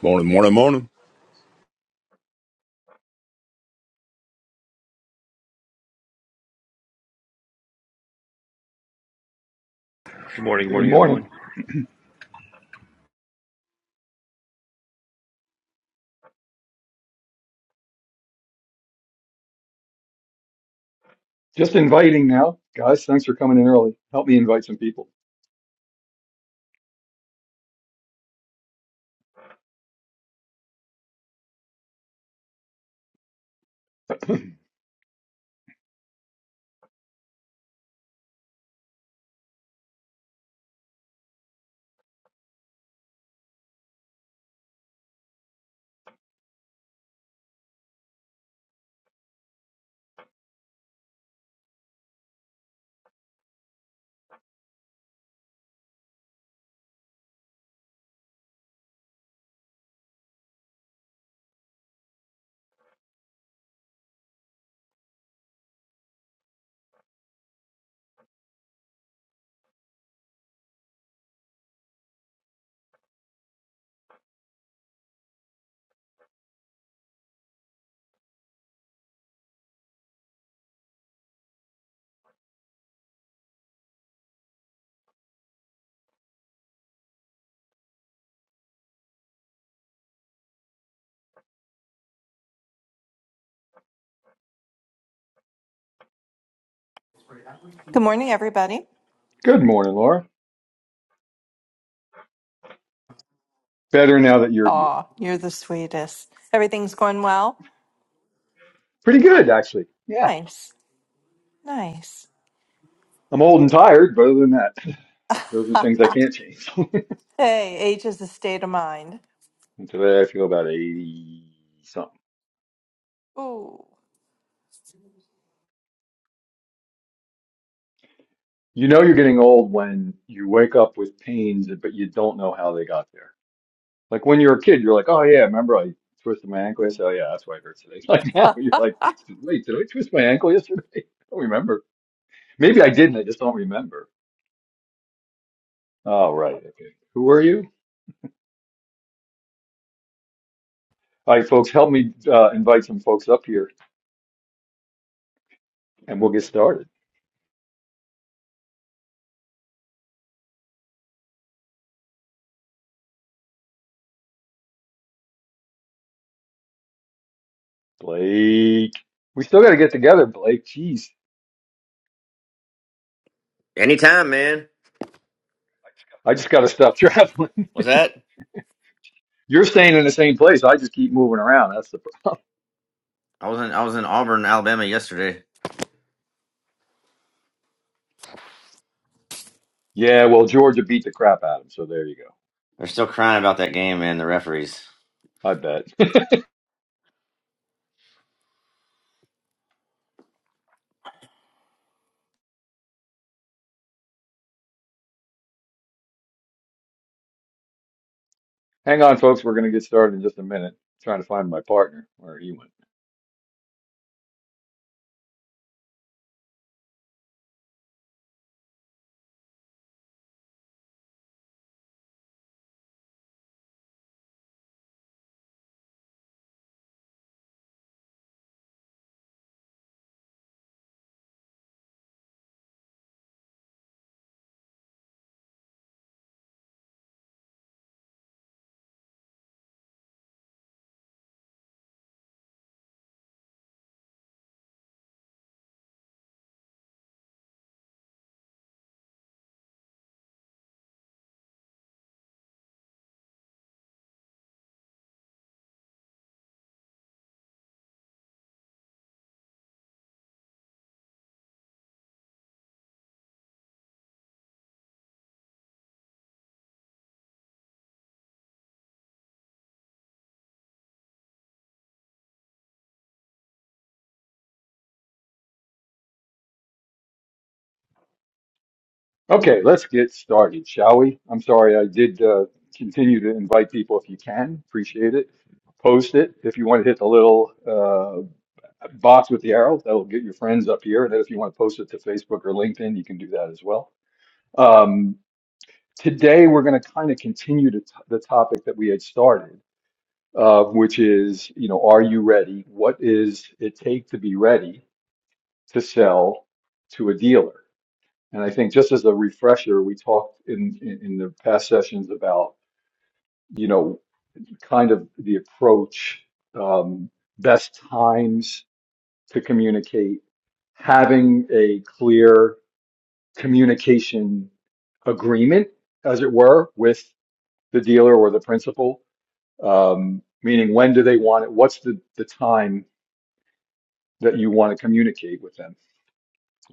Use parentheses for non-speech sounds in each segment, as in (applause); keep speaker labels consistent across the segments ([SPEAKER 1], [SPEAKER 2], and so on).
[SPEAKER 1] Morning, morning, morning.
[SPEAKER 2] Good morning, good
[SPEAKER 3] Good
[SPEAKER 2] morning,
[SPEAKER 3] morning.
[SPEAKER 2] everyone.
[SPEAKER 3] Just inviting now. Guys, thanks for coming in early. Help me invite some people.
[SPEAKER 4] Good morning, everybody.
[SPEAKER 3] Good morning, Laura. Better now that you're here.
[SPEAKER 4] Aw, you're the sweetest. Everything's going well?
[SPEAKER 3] Pretty good, actually. Yeah.
[SPEAKER 4] Nice. Nice.
[SPEAKER 3] I'm old and tired, but other than that, (laughs) those are things I
[SPEAKER 4] (laughs)
[SPEAKER 3] can't change. (laughs)
[SPEAKER 4] hey, age is a state of mind.
[SPEAKER 3] and today I feel about 80 something.
[SPEAKER 4] Ooh.
[SPEAKER 3] You know you're getting old when you wake up with pains, but you don't know how they got there. Like when you're a kid, you're like, oh yeah, remember I twisted my ankle yesterday? Oh yeah, that's why it hurts today. (laughs) Like now you're like, wait, did I twist my ankle yesterday? (laughs) I don't remember. Maybe I didn't, I just don't remember All right. Okay. Who are you? All right, folks, help me uh, invite some folks up here and we'll get started. Blake. We still got to get together, Blake. Jeez.
[SPEAKER 5] Anytime, man.
[SPEAKER 3] I just got to stop (laughs) traveling.
[SPEAKER 5] What's that?
[SPEAKER 3] You're staying in the same place. I just keep moving around. That's the problem. (laughs)
[SPEAKER 5] I was in I was in Auburn, Alabama yesterday.
[SPEAKER 3] Yeah, well, Georgia beat the crap out of him. So there you go.
[SPEAKER 5] They're still crying about that game, man. The referees.
[SPEAKER 3] I bet. (laughs) Hang on, folks. We're going to get started in just a minute. trying to find my partner where he went. Okay, let's get started, shall we? I'm sorry, I did uh, continue to invite people if you can. Appreciate it. Post it. If you want to hit the little uh, box with the arrow, that'll get your friends up here. And then if you want to post it to Facebook or LinkedIn, you can do that as well. Um, today, we're going to kind of continue to t- the topic that we had started, uh, which is, you know, are you ready? What is it take to be ready to sell to a dealer? And I think just as a refresher, we talked in, in, in the past sessions about, you know, kind of the approach, um, best times to communicate, having a clear communication agreement, as it were, with the dealer or the principal, um, meaning when do they want it? What's the, the time that you want to communicate with them?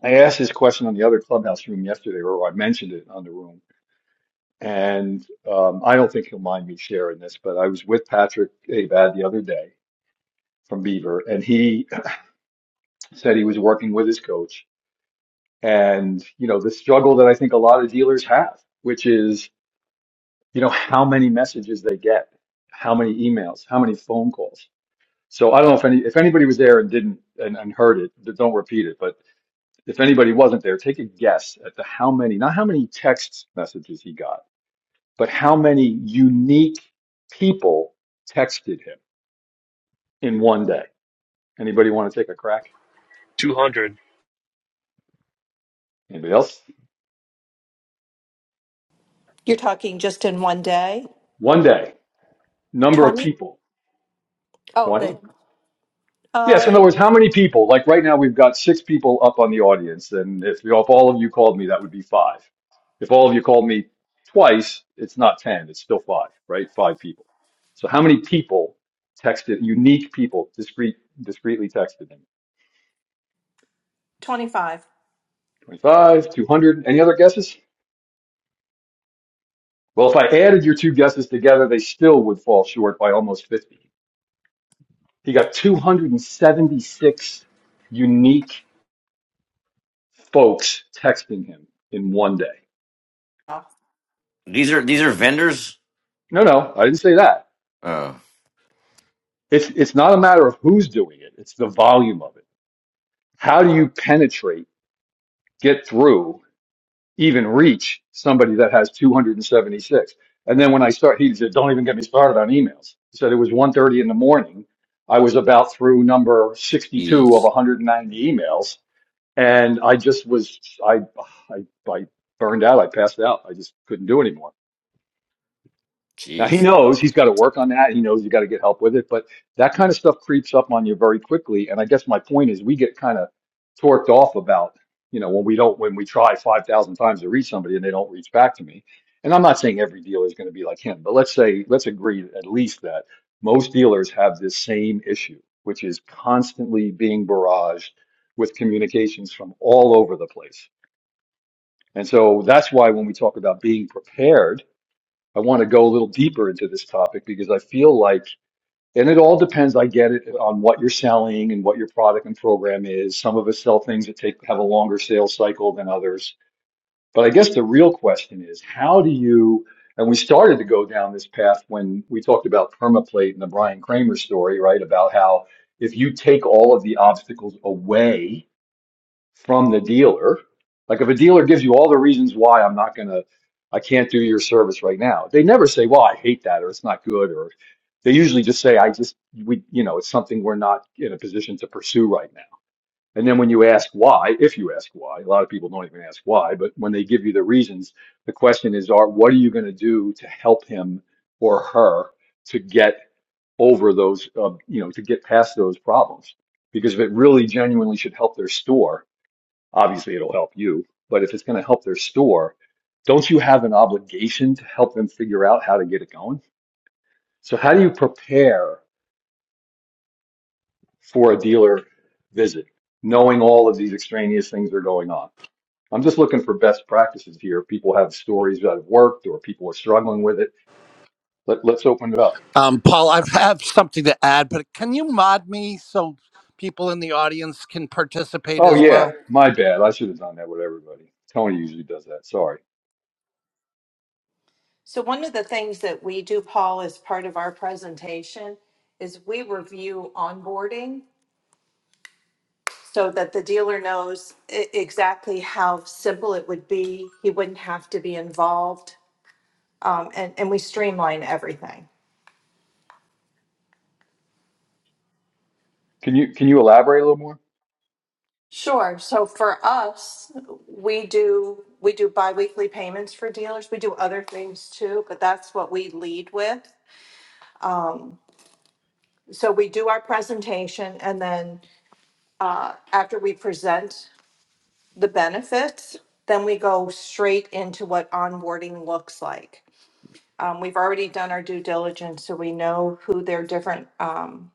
[SPEAKER 3] I asked this question on the other clubhouse room yesterday, or I mentioned it on the room And um, I don't think he'll mind me sharing this, but I was with Patrick Abad the other day from Beaver, and he (clears throat) said he was working with his coach. And, you know, the struggle that I think a lot of dealers have, which is, you know, how many messages they get, how many emails, how many phone calls. So I don't know if any, if anybody was there and didn't and, and heard it, th- don't repeat it. But if anybody wasn't there, take a guess at the how many, not how many text messages he got but how many unique people texted him in one day? Anybody want to take a crack?
[SPEAKER 2] 200.
[SPEAKER 3] Anybody else?
[SPEAKER 4] You're talking just in one day?
[SPEAKER 3] One day, number of
[SPEAKER 4] 20?
[SPEAKER 3] people,
[SPEAKER 4] Oh, the
[SPEAKER 3] 20? Yes, in
[SPEAKER 4] uh
[SPEAKER 3] other words, how many people? Like right now, we've got six people up on the audience, and if, you- if all of you called me, that would be five. If all of you called me twice, it's not 10, it's still five, right? Five people. So how many people texted, unique people, discrete, discreetly texted him?
[SPEAKER 4] 25.
[SPEAKER 3] 25, 200, any other guesses? Well, if I added your two guesses together, they still would fall short by almost 50. He got 276 unique folks texting him in one day.
[SPEAKER 4] Oh.
[SPEAKER 5] These are these are vendors.
[SPEAKER 3] No, no, I didn't say that.
[SPEAKER 5] Oh,
[SPEAKER 3] It's, it's not a matter of who's doing it. It's the volume of it. How do you penetrate, get through, even reach somebody that has 276? And seventy-six? And then when I start, he said, don't even get me started on emails. He said it was one thirty in the morning. I was about through number 62 of
[SPEAKER 5] Jeez,
[SPEAKER 3] 190 emails And I just was, I, I, I burned out. I passed out. I just couldn't do anymore. Now he
[SPEAKER 5] jeez.
[SPEAKER 3] knows he's got to work on that. He knows you got to get help with it, but that kind of stuff creeps up on you very quickly. And I guess my point is we get kind of torqued off about, you know, when we don't, when we try 5,000 times to reach somebody and they don't reach back to me. And I'm not saying every dealer is going to be like him, but let's say, let's agree at least that most dealers have this same issue, which is constantly being barraged with communications from all over the place and so that's why when we talk about being prepared, I want to go a little deeper into this topic because I feel like, and it all depends, I get it, on what you're selling and what your product and program is. Some of us sell things that take, have a longer sales cycle than others. But I guess the real question is, how do you, and we started to go down this path when we talked about permaplate and the Brian Kramer story, right? About how if you take all of the obstacles away, from the dealer. Like if a dealer gives you all the reasons why I'm not gonna, I can't do your service right now. They never say, "Well, I hate that," or "It's not good," or they usually just say, "I just we you know it's something we're not in a position to pursue right now." And then when you ask why, if you ask why, a lot of people don't even ask why, but when they give you the reasons, the question is, are what are you going to do to help him or her to get over those, uh, you know, to get past those problems? Because if it really genuinely should help their store, Obviously, it'll help you, but if it's going to help their store, don't you have an obligation to help them figure out how to get it going? So, how do you prepare for a dealer visit, knowing all of these extraneous things are going on? I'm just looking for best practices here. People have stories that have worked or people are struggling with it. Let, let's open it up.
[SPEAKER 1] Um, Paul, I have something to add, but can you mod me so people in the audience can participate
[SPEAKER 3] Oh
[SPEAKER 1] as
[SPEAKER 3] yeah,
[SPEAKER 1] well?
[SPEAKER 3] my bad. I should have done that with everybody. Tony usually does that. Sorry.
[SPEAKER 4] So one of the things that we do, Paul, as part of our presentation is we review onboarding so that the dealer knows e- exactly how simple it would be. He wouldn't have to be involved um, and, and we streamline everything.
[SPEAKER 3] Can you can you elaborate a little more?
[SPEAKER 4] Sure. So for us, we do we do biweekly payments for dealers. We do other things too, but that's what we lead with. So we do our presentation, and then uh, after we present the benefits, then we go straight into what onboarding looks like. Um, we've already done our due diligence, so we know who their different um,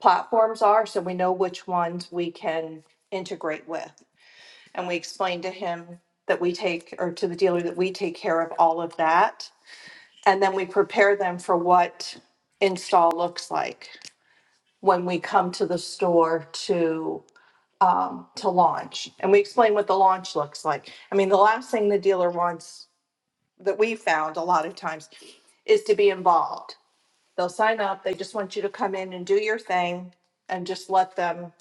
[SPEAKER 4] platforms are, so we know which ones we can integrate with. And we explained to him that we take, or to the dealer, that we take care of all of that. And then we prepare them for what install looks like when we come to the store to um, to launch. And we explain what the launch looks like. I mean, the last thing the dealer wants that we found a lot of times is to be involved. They'll sign up. They just want you to come in and do your thing and just let them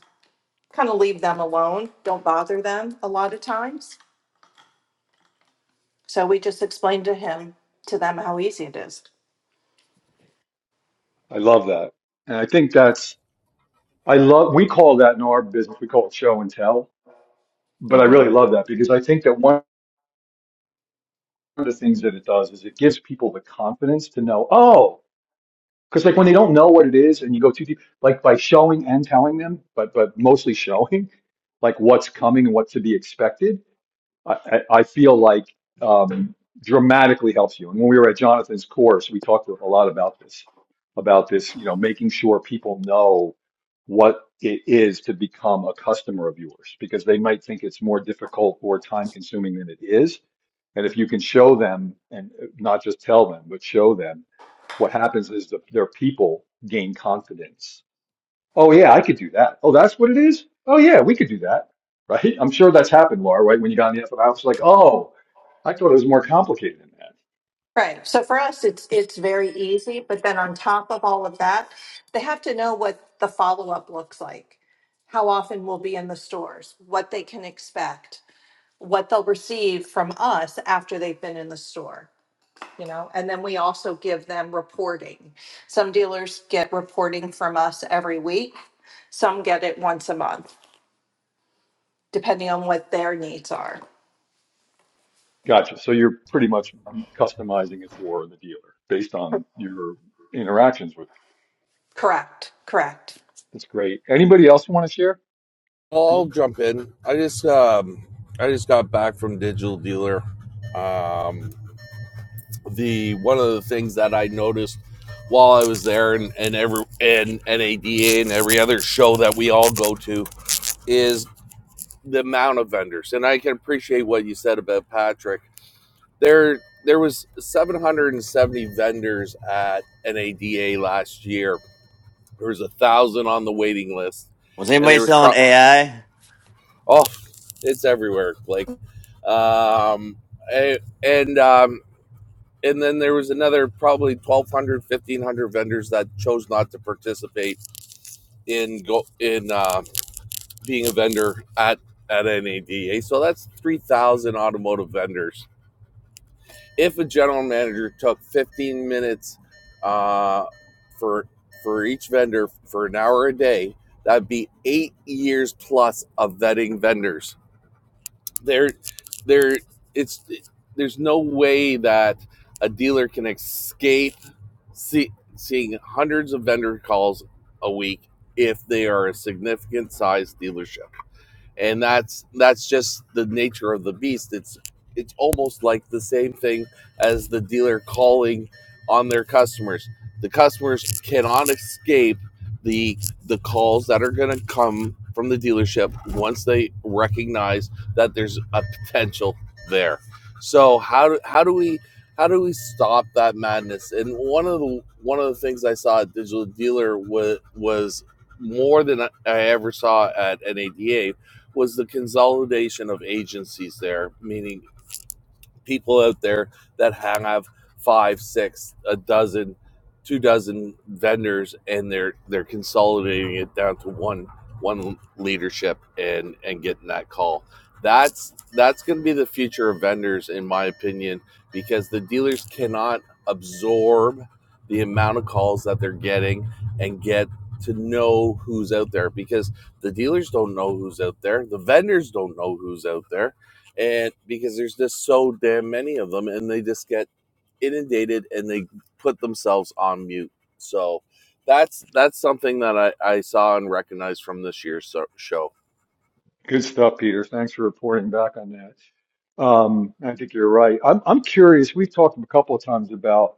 [SPEAKER 4] kind of leave them alone. Don't bother them a lot of times. So we just explained to him, to them, how easy it is.
[SPEAKER 3] I love that. And I think that's I love, we call that in our business, we call it show and tell, but I
[SPEAKER 4] Mm-hmm.
[SPEAKER 3] really love that because I think that one of the things that it does is it gives people the confidence to know, oh, because like when they don't know what it is and you go too deep, like by showing and telling them, but but mostly showing, like what's coming and what to be expected, I, I I feel like um, dramatically helps you. And when we were at Jonathan's course, we talked a lot about this, about this, you know, making sure people know what it is to become a customer of yours because they might think it's more difficult or time consuming than it is. And if you can show them and not just tell them, but show them what happens is the, their people gain confidence Oh yeah, I could do that. Oh, that's what it is? Oh yeah, we could do that. Right? I'm sure that's happened, Laura, right? When you got on the app, I was like, oh, I thought it was more complicated than that.
[SPEAKER 4] Right. So for us, it's it's very easy. But then on top of all of that, they have to know what the follow up looks like, how often we'll be in the stores, what they can expect, what they'll receive from us after they've been in the store. You know, and then we also give them reporting. Some dealers get reporting from us every week. Some get it once a month, depending on what their needs are.
[SPEAKER 3] Gotcha. So you're pretty much customizing it for the dealer based on your interactions with.
[SPEAKER 4] Correct. Correct.
[SPEAKER 3] That's great. Anybody else want to share?
[SPEAKER 6] I'll
[SPEAKER 3] Mhm.
[SPEAKER 6] jump in. I just um, I just got back from Digital Dealer. Um, the one of the things that I noticed while I was there, and and every and NADA and every other show that we all go to is the amount of vendors. And I can appreciate what you said about Patrick. There there was 770 vendors at NADA last year. There was a thousand on the waiting list,
[SPEAKER 5] Was
[SPEAKER 6] and
[SPEAKER 5] anybody
[SPEAKER 6] there was
[SPEAKER 5] selling
[SPEAKER 6] pro-
[SPEAKER 5] AI?
[SPEAKER 6] Oh, it's everywhere, Blake. Um, and um, and then there was another probably 1,200, 1,500 vendors that chose not to participate in go in uh, being a vendor at at NADA. So that's 3,000 automotive vendors. If a general manager took 15 minutes uh, for for each vendor for an hour a day, that'd be eight years plus of vetting vendors there there it's it, there's no way that a dealer can escape see, seeing hundreds of vendor calls a week if they are a significant size dealership and that's that's just the nature of the beast it's it's almost like the same thing as the dealer calling on their customers the customers cannot escape the the calls that are going to come from the dealership once they recognize that there's a potential there so how do, how do we how do we stop that madness and one of the one of the things i saw at digital dealer was was more than i ever saw at nada was the consolidation of agencies there, meaning people out there that have five, six, a dozen, two dozen vendors, and they're they're consolidating it down to one one leadership and and getting that call. That's that's going to be the future of vendors, in my opinion, because the dealers cannot absorb the amount of calls that they're getting and get to know who's out there because the dealers don't know who's out there the vendors don't know who's out there and because there's just so damn many of them and they just get inundated and they put themselves on mute so that's that's something that i, I saw and recognized from this year's so- show
[SPEAKER 3] Good stuff, Peter. Thanks for reporting back on that. Um, I think you're right. I'm I'm curious. We've talked a couple of times about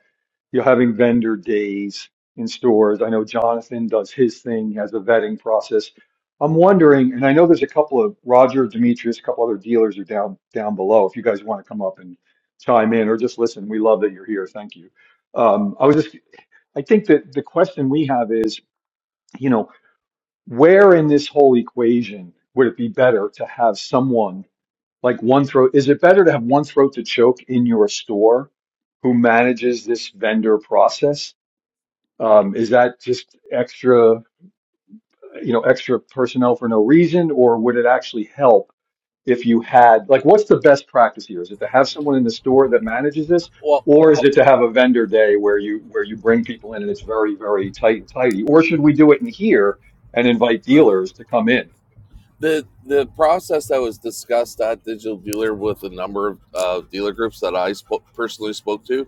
[SPEAKER 3] You're having vendor days in stores. I know Jonathan does his thing, has a vetting process. I'm wondering, and I know there's a couple of Roger, Demetrius, a couple other dealers are down down below. If you guys want to come up and chime in or just listen, we love that you're here. Thank you. Um, I was just, I think that the question we have is, you know, where in this whole equation would it be better to have someone like one throat? Is it better to have one throat to choke in your store who manages this vendor process? Um, is that just extra, you know, extra personnel for no reason, or would it actually help if you had, like, what's the best practice here? Is it to have someone in the store that manages this,
[SPEAKER 6] well
[SPEAKER 3] or is it to have a vendor day where you where you bring people in and it's very, very tight and tidy? Or should we do it in here and invite dealers to come in?
[SPEAKER 6] the the process that was discussed at digital dealer with a number of uh, dealer groups that i spo- personally spoke to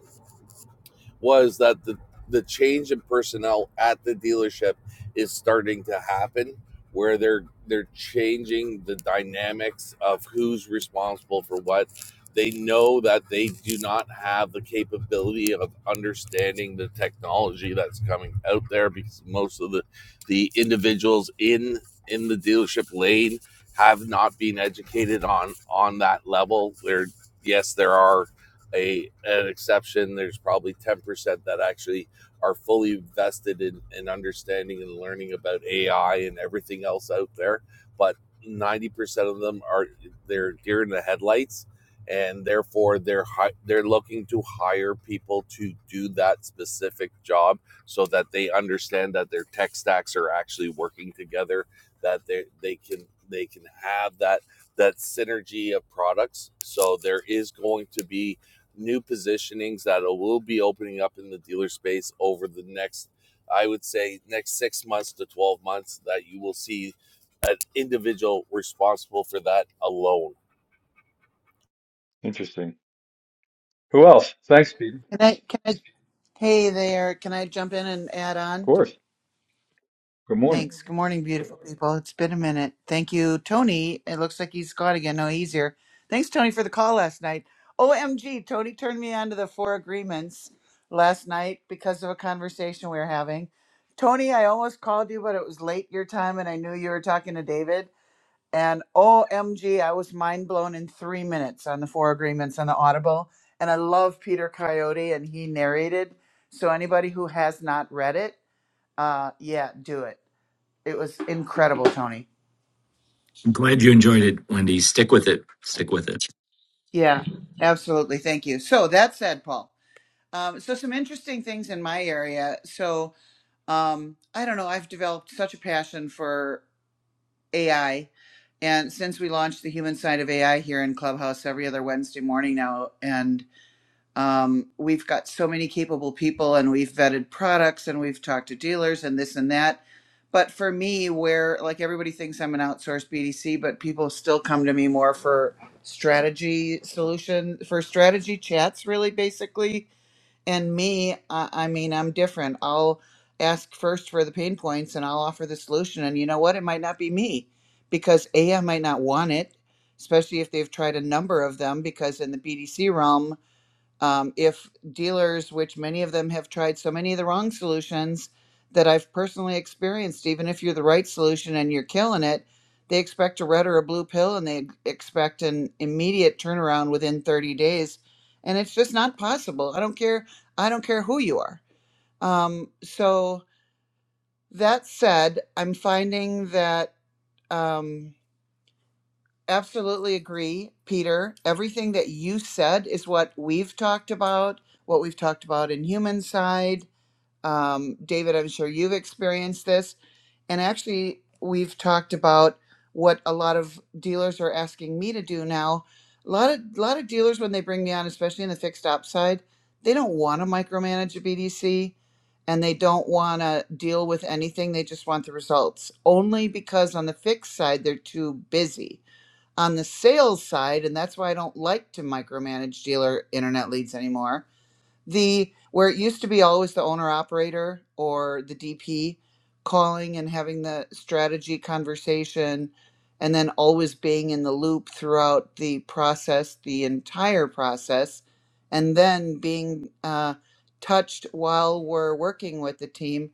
[SPEAKER 6] was that the the change in personnel at the dealership is starting to happen where they're they're changing the dynamics of who's responsible for what they know that they do not have the capability of understanding the technology that's coming out there because most of the the individuals in in the dealership lane have not been educated on on that level there yes there are a an exception. There's probably ten percent that actually are fully vested in, in understanding and learning about AI and everything else out there. But ninety percent of them are they're deer in the headlights, and therefore they're hi- they're looking to hire people to do that specific job so that they understand that their tech stacks are actually working together. That they they can they can have that that synergy of products. So there is going to be new positionings that will be opening up in the dealer space over the next, I would say, next six months to 12 months that you will see an individual responsible for that alone.
[SPEAKER 3] Interesting. Who else? Thanks, Peter.
[SPEAKER 7] Can I, can I, hey there, can I jump in and add
[SPEAKER 3] Of
[SPEAKER 7] on?
[SPEAKER 3] course. Good morning.
[SPEAKER 7] Thanks. Good morning, beautiful people. It's been a minute. Thank you, Tony. It looks like he's gone again. No, he's here. Thanks, Tony, for the call last night. OMG, Tony turned me on to the four agreements last night because of a conversation we were having. Tony, I almost called you, but it was late your time and I knew you were talking to David. And O M G, I was mind blown in three minutes on the four agreements on the Audible. And I love Peter Coyote, and he narrated. So anybody who has not read it, uh, yeah, do it. It was incredible, Tony.
[SPEAKER 8] I'm glad you enjoyed it, Wendy. Stick with it. Stick with it.
[SPEAKER 7] Yeah, absolutely. Thank you. So that said, Paul. Um, so some interesting things in my area. So um, I don't know. I've developed such a passion for AI and since we launched the human side of AI here in Clubhouse every other Wednesday morning now, and um, we've got so many capable people and we've vetted products and we've talked to dealers and this and that. But for me, where like everybody thinks I'm an outsourced BDC, but people still come to me more for strategy solution, for strategy chats, really, basically. And me, I, I mean, I'm different. I'll ask first for the pain points and I'll offer the solution. And you know what? It might not be me because A, I might not want it, especially if they've tried a number of them, because in the BDC realm, um, if dealers, which many of them have tried so many of the wrong solutions that I've personally experienced, even if you're the right solution and you're killing it, they expect a red or a blue pill and they expect an immediate turnaround within 30 days. And it's just not possible. I don't care. I don't care who you are. Um, so that said, I'm finding that. Um, Absolutely agree, Peter. Everything that you said is what we've talked about, what we've talked about in human side. Um, David, I'm sure you've experienced this. And actually, we've talked about what a lot of dealers are asking me to do now. A lot of lot of dealers when they bring me on, especially in the fixed op side, they don't want to micromanage a BDC and they don't want to deal with anything. They just want the results. Only because on the fixed side they're too busy on the sales side, and that's why I don't like to micromanage dealer internet leads anymore, the where it used to be always the owner operator or the DP calling and having the strategy conversation and then always being in the loop throughout the process, the entire process, and then being uh, touched while we're working with the team.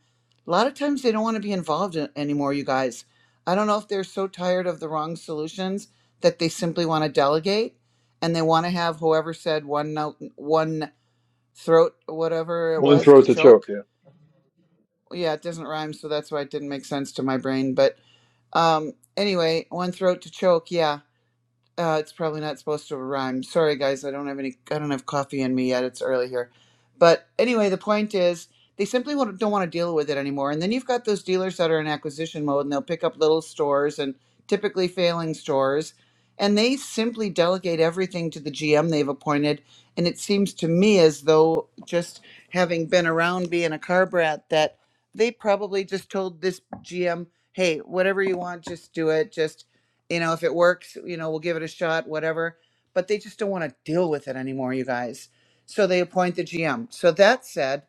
[SPEAKER 7] A lot of times they don't want to be involved in, anymore, you guys. I don't know if they're so tired of the wrong solutions that they simply want to delegate and they want to have whoever said one note, one throat whatever it
[SPEAKER 3] One
[SPEAKER 7] was to
[SPEAKER 3] throat to choke.
[SPEAKER 7] choke
[SPEAKER 3] Yeah,
[SPEAKER 7] yeah it doesn't rhyme so that's why it didn't make sense to my brain but um anyway one throat to choke yeah uh, it's probably not supposed to rhyme. Sorry, guys, I don't have any. I don't have coffee in me yet. It's early here, but anyway, the point is they simply won't- don't want to deal with it anymore. And then you've got those dealers that are in acquisition mode, and they'll pick up little stores and typically failing stores, and they simply delegate everything to the GM they've appointed. And it seems to me as though just having been around being a car brat, that they probably just told this GM, "Hey, whatever you want, just do it. Just." you know if it works you know we'll give it a shot whatever but they just don't want to deal with it anymore you guys so they appoint the gm so that said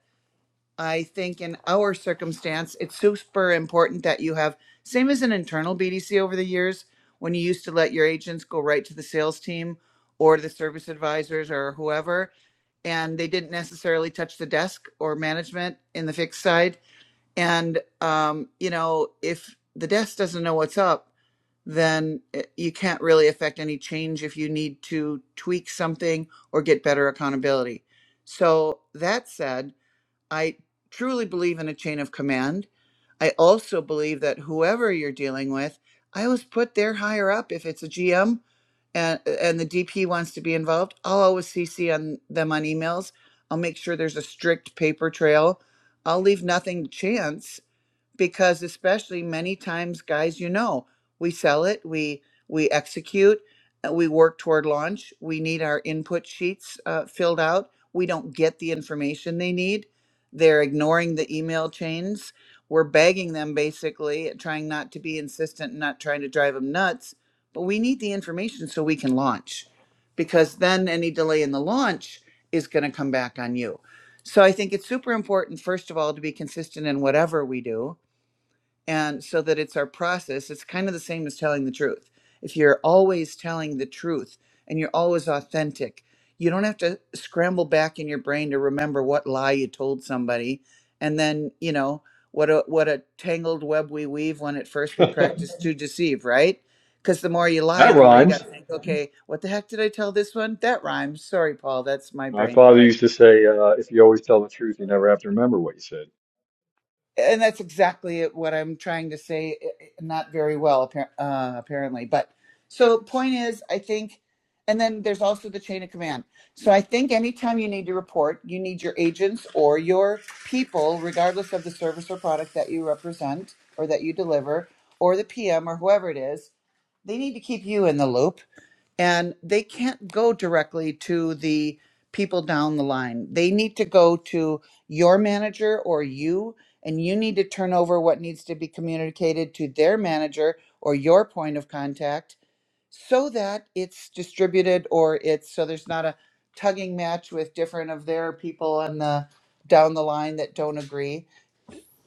[SPEAKER 7] i think in our circumstance it's super important that you have same as an internal bdc over the years when you used to let your agents go right to the sales team or the service advisors or whoever and they didn't necessarily touch the desk or management in the fixed side and um, you know if the desk doesn't know what's up then eh, you can't really affect any change if you need to tweak something or get better accountability. So, that said, I truly believe in a chain of command. I also believe that whoever you're dealing with, I always put their higher up. If it's a GM and, and the DP wants to be involved, I'll always CC on them on emails. I'll make sure there's a strict paper trail. I'll leave nothing to chance because especially many times guys you know we sell it we we execute uh, we work toward launch we need our input sheets uh, filled out we don't get the information they need they're ignoring the email chains we're begging them basically trying not to be insistent and not trying to drive them nuts but we need the information so we can launch because then any delay in the launch is going to come back on you so i think it's super important first of all to be consistent in whatever we do and so that it's our process it's kind of the same as telling the truth if you're always telling the truth and you're always authentic you don't have to scramble back in your brain to remember what lie you told somebody and then you know what a what a tangled web we weave when at first
[SPEAKER 3] (laughs)
[SPEAKER 7] we
[SPEAKER 3] that
[SPEAKER 7] practice to deceive right because the more you lie the more you got to
[SPEAKER 3] rhymes.
[SPEAKER 7] think okay what the heck did i tell this one that rhymes sorry paul that's my
[SPEAKER 3] My
[SPEAKER 7] brain
[SPEAKER 3] father
[SPEAKER 7] but
[SPEAKER 3] used to say, uh, "If you always tell the truth, you never have to remember what you said."
[SPEAKER 7] and that's exactly it- what I'm trying to say. i- i- Not very well, appar- uh, apparently. But so, point is, I think, and then there's also the chain of command. So I think anytime you need to report, you need your agents or your people, regardless of the service or product that you represent or that you deliver, or the PM or whoever it is. They need to keep you in the loop and they can't go directly to the people down the line. They need to go to your manager or you, and you need to turn over what needs to be communicated to their manager or your point of contact so that it's distributed or it's so there's not a tugging match with different of their people on the down the line that don't agree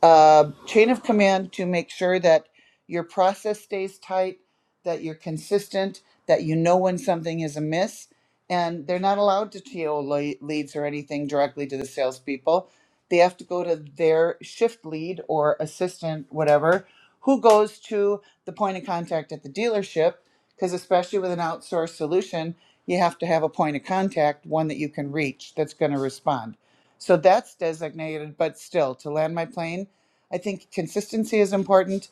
[SPEAKER 7] uh, chain of command to make sure that your process stays tight, that you're consistent, that you know when something is amiss. And they're not allowed to TO le- leads or anything directly to the salespeople. They have to go to their shift lead or assistant, whatever, who goes to the point of contact at the dealership. Because especially with an outsourced solution, you have to have a point of contact, one that you can reach that's going to respond. So that's designated, but still, to land my plane, I think consistency is important.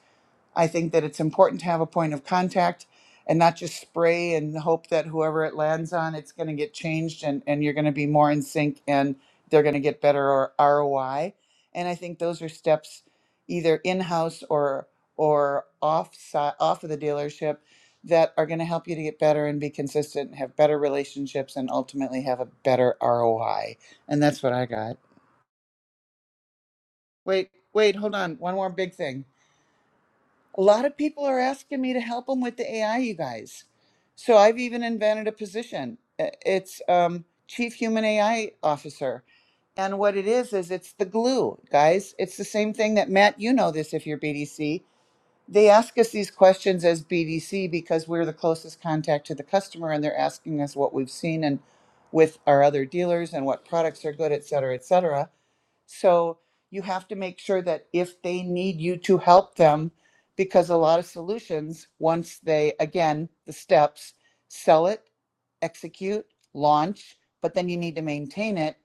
[SPEAKER 7] I think that it's important to have a point of contact and not just spray and hope that whoever it lands on, it's going to get changed and, and you're going to be more in sync and they're going to get better or ROI. And I think those are steps either in house or or off si, off of the dealership that are going to help you to get better and be consistent, have better relationships, and ultimately have a better ROI. And that's what I got. Wait, wait, hold on. One more big thing. A lot of people are asking me to help them with the AI, you guys. So I've even invented a position. I- It's um, Chief Human AI Officer. And what it is, is it's the glue, guys. It's the same thing that Matt, you know this if you're BDC. They ask us these questions as BDC because we're the closest contact to the customer and they're asking us what we've seen and with our other dealers and what products are good, et cetera, et cetera so you have to make sure that if they need you to help them, because a lot of solutions, once they, again, the steps, sell it, execute, launch, but then you need to maintain it.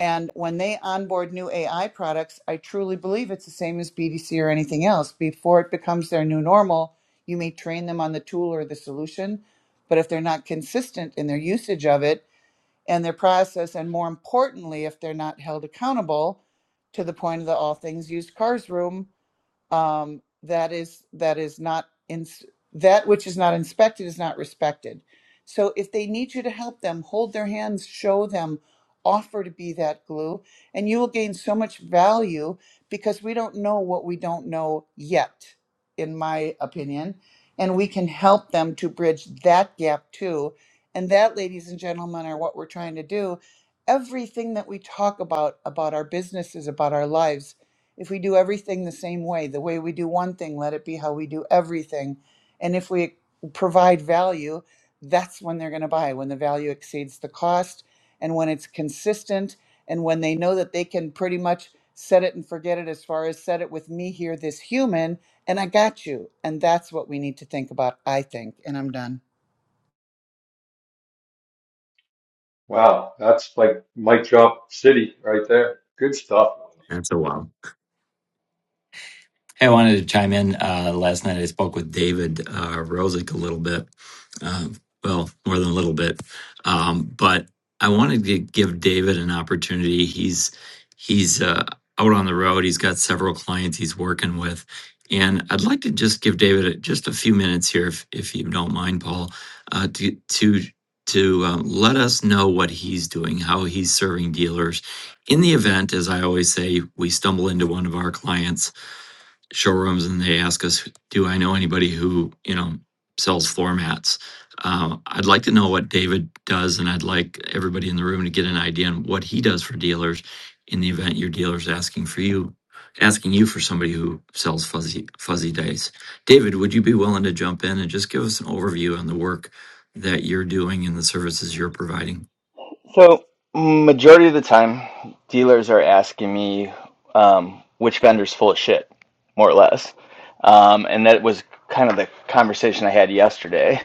[SPEAKER 7] And when they onboard new AI products, I truly believe it's the same as BDC or anything else. Before it becomes their new normal, you may train them on the tool or the solution, but if they're not consistent in their usage of it, and their process, and more importantly, if they're not held accountable to the point of the all things used cars room um, that is that is not in, that which is not inspected is not respected. So if they need you to help them, hold their hands, show them, offer to be that glue, and you will gain so much value because we don't know what we don't know yet, in my opinion, and we can help them to bridge that gap too. And that, ladies and gentlemen, are what we're trying to do. Everything that we talk about about our businesses, about our lives if we do everything the same way, the way we do one thing, let it be how we do everything. And if we provide value, that's when they're going to buy, when the value exceeds the cost and when it's consistent and when they know that they can pretty much set it and forget it as far as set it with me here, this human, and I got you. And that's what we need to think about, I think. And I'm done.
[SPEAKER 3] Wow, that's like mic drop city right there. Good stuff.
[SPEAKER 8] That's a while. Hey, I wanted to chime in. Uh, last night I spoke with David uh, Rosick a little bit. Uh, well, more than a little bit, um, but I wanted to give David an opportunity. He's he's uh, out on the road. He's got several clients he's working with, and I'd like to just give David a- just a few minutes here, if if you don't mind, Paul, uh, to to to um, let us know what he's doing, how he's serving dealers. In the event, as I always say, we stumble into one of our clients showrooms and they ask us, "Do I know anybody who you know sells floor mats?" Uh, I'd like to know what David does, and I'd like everybody in the room to get an idea on what he does for dealers in the event your dealer's asking for you, asking you for somebody who sells fuzzy fuzzy dice. David, would you be willing to jump in and just give us an overview on the work that you're doing and the services you're providing?
[SPEAKER 9] So, majority of the time, dealers are asking me um, which vendor's full of shit, more or less. Um, and that was kind of the conversation I had yesterday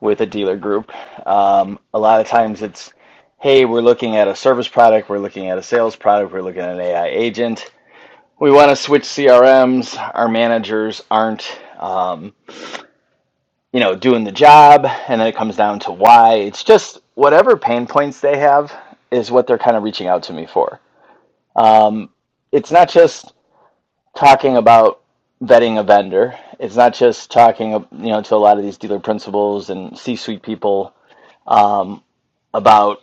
[SPEAKER 9] with a dealer group. Um, a lot of times it's, hey, we're looking at a service product, we're looking at a sales product, we're looking at an AI agent. We want to switch CRMs. Our managers aren't. Um, you know, doing the job, and then it comes down to why. It's just whatever pain points they have is what they're kind of reaching out to me for. Um, it's not just talking about vetting a vendor. It's not just talking, you know, to a lot of these dealer principals and C-suite people about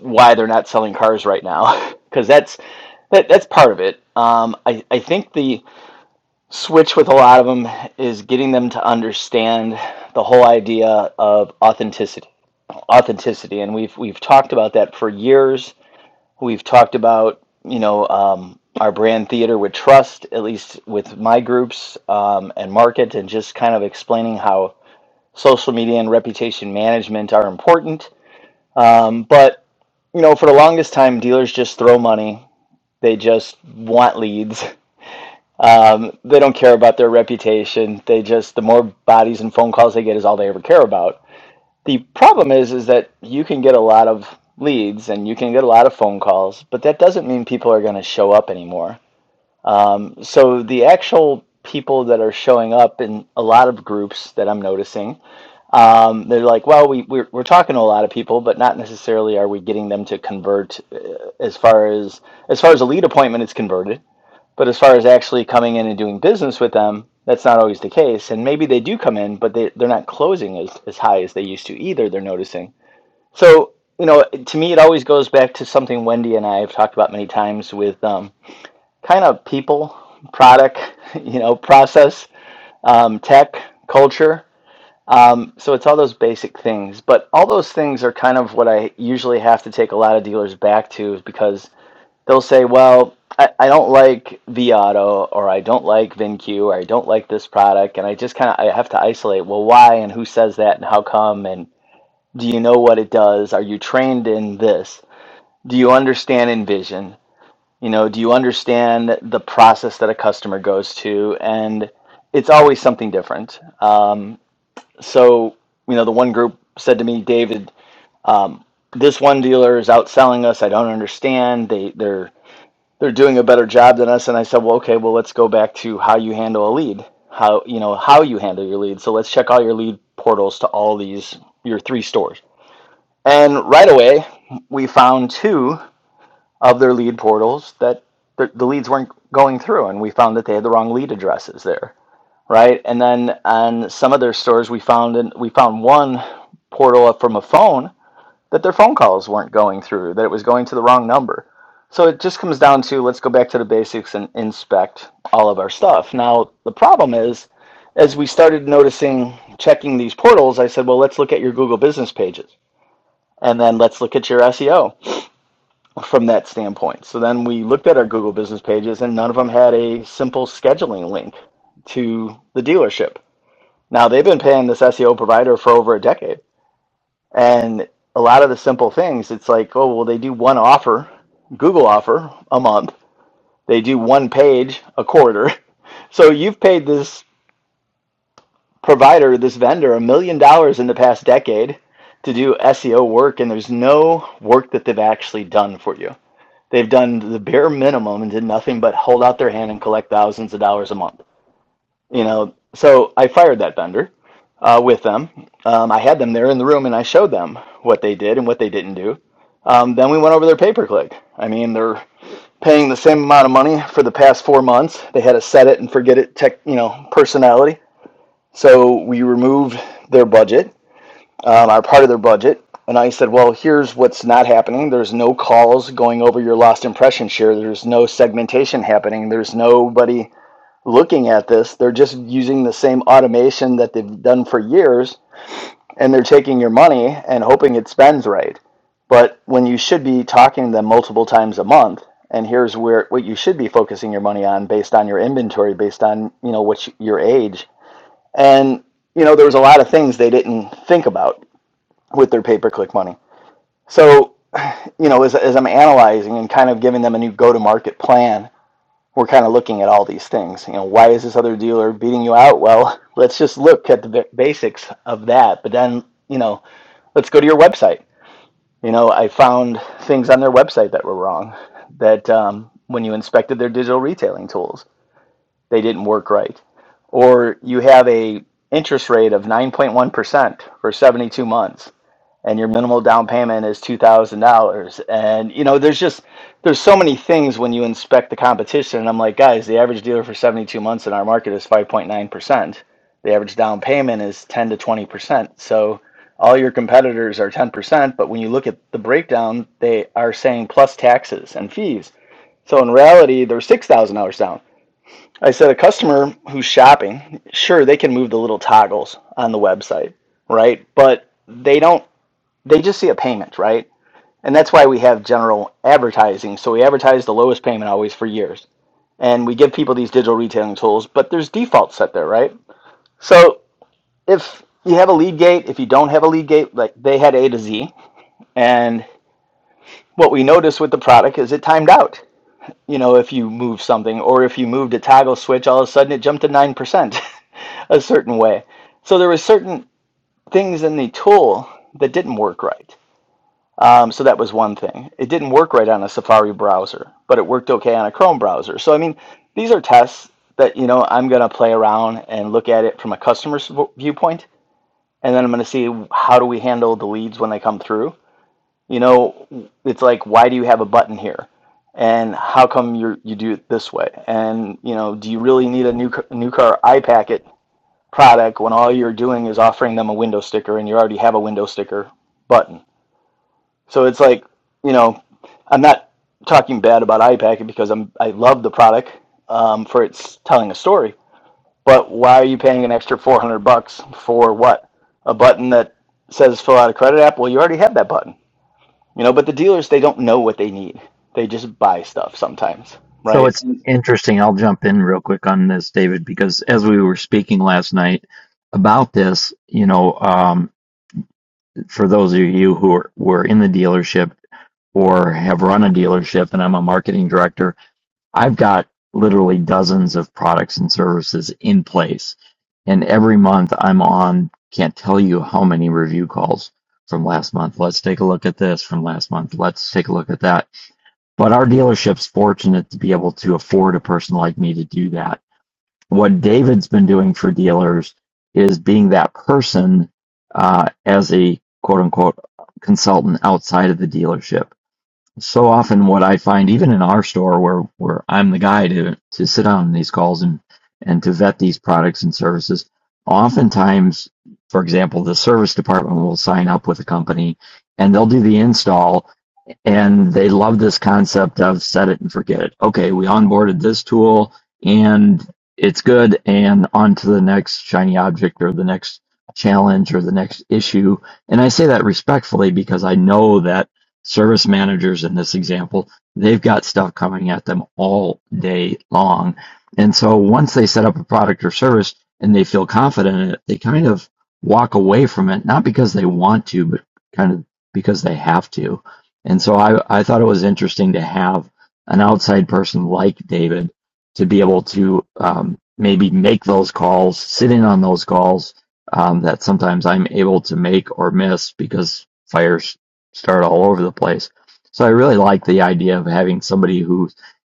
[SPEAKER 9] why they're not selling cars right now, because (laughs) that's that, that's part of it. Um, I, I think the switch with a lot of them is getting them to understand the whole idea of authenticity authenticity, and we've we've talked about that for years. We've talked about you know um, our brand theater with trust, at least with my groups um, and market, and just kind of explaining how social media and reputation management are important. But you know, for the longest time, dealers just throw money. They just want leads. (laughs) Um, they don't care about their reputation. They just the more bodies and phone calls they get is all they ever care about. The problem is is that you can get a lot of leads and you can get a lot of phone calls, but that doesn't mean people are going to show up anymore. So the actual people that are showing up in a lot of groups that I'm noticing, um, they're like, well, we, we're, we're talking to a lot of people, but not necessarily are we getting them to convert uh, as far as as far as a lead appointment, it's converted. But as far as actually coming in and doing business with them, that's not always the case. And maybe they do come in, but they, they're not closing as, as high as they used to either, they're noticing. So, you know, to me, it always goes back to something Wendy and I have talked about many times with um, kind of people, product, (laughs) you know, process, um, tech, culture. Um, so it's all those basic things. But all those things are kind of what I usually have to take a lot of dealers back to because they'll say, well, I, I don't like Viato or I don't like VinQ or I don't like this product. And I just kind of I have to isolate, well, why and who says that and how come and do you know what it does? Are you trained in this? do you understand envision you know do you understand the process that a customer goes to and it's always something different um, so you know the one group said to me david um, this one dealer is outselling us i don't understand they they're they're doing a better job than us and i said well okay well let's go back to how you handle a lead how you know how you handle your lead so let's check all your lead portals to all these your three stores and right away we found two of their lead portals that the, the leads weren't going through, and we found that they had the wrong lead addresses there, right? And then on some of their stores, we found and we found one portal up from a phone that their phone calls weren't going through, that it was going to the wrong number. So it just comes down to let's go back to the basics and inspect all of our stuff. Now the problem is, as we started noticing checking these portals, I said, well, let's look at your Google business pages, and then let's look at your SEO from that standpoint. So then we looked at our Google business pages, and none of them had a simple scheduling link to the dealership. Now they've been paying this SEO provider for over a decade, and a lot of the simple things, it's like, oh, well, they do one offer, Google offer a month, they do one page a quarter. (laughs) So you've paid this provider, this vendor, a million dollars in the past decade to do SEO work, and there's no work that they've actually done for you. They've done the bare minimum and did nothing but hold out their hand and collect thousands of dollars a month. You know, so I fired that vendor uh, with them. Um, I had them there in the room and I showed them what they did and what they didn't do. Um, then we went over their pay per click. I mean, they're paying the same amount of money for the past four months. They had a set it and forget it tech, you know, personality. So we removed their budget um, are part of their budget. And I said, well, here's what's not happening. There's no calls going over your lost impression share. There's no segmentation happening. There's nobody looking at this. They're just using the same automation that they've done for years and they're taking your money and hoping it spends right. But when you should be talking to them multiple times a month, and here's where what you should be focusing your money on based on your inventory, based on, you know, what you, your age. And you know, there was a lot of things they didn't think about with their pay per click money. So, you know, as, as I'm analyzing and kind of giving them a new go to market plan, we're kind of looking at all these things. You know, why is this other dealer beating you out? Well, (laughs) let's just look at the basics of that. But then, you know, let's go to your website. You know, I found things on their website that were wrong. That um, when you inspected their digital retailing tools, they didn't work right. Or you have a interest rate of 9.1% for 72 months and your minimal down payment is $2000 and you know there's just there's so many things when you inspect the competition and i'm like guys the average dealer for 72 months in our market is 5.9% the average down payment is 10 to 20% so all your competitors are 10% but when you look at the breakdown they are saying plus taxes and fees so in reality they're $6000 down i said a customer who's shopping sure they can move the little toggles on the website right but they don't they just see a payment, right? And that's why we have general advertising. So we advertise the lowest payment always for years. And we give people these digital retailing tools, but there's defaults set there, right? So if you have a lead gate, if you don't have a lead gate, like they had A to Z. And what we noticed with the product is it timed out. You know, if you move something or if you moved a toggle switch, all of a sudden it jumped to 9% (laughs) a certain way. So there were certain things in the tool that didn't work right. Um, so that was one thing. It didn't work right on a Safari browser, but it worked okay on a Chrome browser. So I mean, these are tests that you know I'm going to play around and look at it from a customer's viewpoint, and then I'm going to see how do we handle the leads when they come through. You know, it's like why do you have a button here, and how come you you do it this way, and you know, do you really need a new new car iPacket product when all you're doing is offering them a window sticker and you already have a window sticker button? So it's like, you know, I'm not talking bad about iPacket because I'm I love the product um, for its telling a story. But why are you paying an extra 400 bucks for what? A button that says fill out a credit app? Well, you already have that button. You know, but the dealers they don't know what they need. They just buy stuff sometimes,
[SPEAKER 8] So
[SPEAKER 9] right?
[SPEAKER 8] it's interesting. I'll jump in real quick on this, David, because as we were speaking last night about this, you know, um, for those of you who are, were in the dealership or have run a dealership, and I'm a marketing director, I've got literally dozens of products and services in place. And every month I'm on, can't tell you how many review calls from last month. Let's take a look at this from last month. Let's take a look at that but our dealership's fortunate to be able to afford a person like me to do that. What David's been doing for dealers is being that person uh, as a quote unquote consultant outside of the dealership. So often, what I find, even in our store where, where I'm the guy to, to sit on these calls and, and to vet these products and services, oftentimes, for example, the service department will sign up with a company and they'll do the install and they love this concept of set it and forget it. Okay, we onboarded this tool and it's good, and on to the next shiny object or the next challenge or the next issue. And I say that respectfully because I know that service managers in this example, they've got stuff coming at them all day long. And so once they set up a product or service and they feel confident in it, they kind of walk away from it, not because they want to, but kind of because they have to. And so I, I thought it was interesting to have an outside person like David to be able to um, maybe make those calls, sit in on those calls um, that sometimes I'm able to make or miss because fires start all over the place. So I really like the idea of having somebody who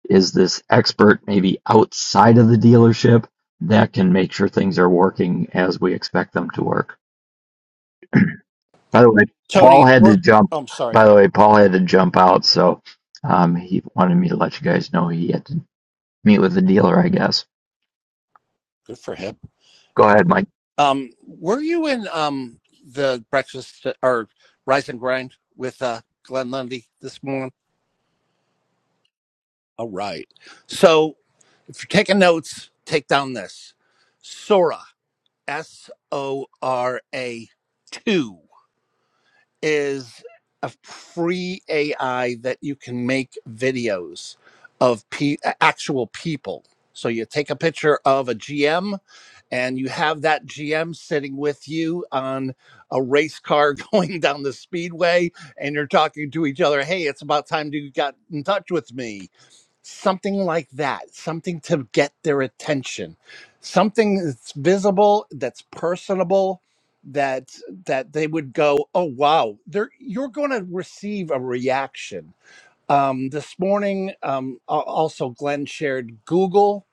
[SPEAKER 8] is this expert, maybe outside of the dealership, that can make sure things are working as we expect them to work. By the way,
[SPEAKER 1] Tony,
[SPEAKER 8] Paul had
[SPEAKER 1] were
[SPEAKER 8] to jump.
[SPEAKER 1] oh, I'm sorry.
[SPEAKER 8] By the way, Paul had to jump out, so um, he wanted me to let you guys know he had to meet with the dealer. I guess.
[SPEAKER 1] Good for him.
[SPEAKER 8] Go ahead, Mike.
[SPEAKER 1] Um, were you in um the breakfast or rise and grind with uh Glenn Lundy this morning? All right. So if you're taking notes, take down this. Sora, S O R A two. is a free AI that you can make videos of pe- actual people. So you take a picture of a GM and you have that GM sitting with you on a race car (laughs) going down the speedway and you're talking to each other, "Hey, it's about time you got in touch with me." something like that, something to get their attention, something that's visible, that's personable, that that they would go, oh wow, they're, you're going to receive a reaction. Um, this morning, um, al- also Glenn shared Google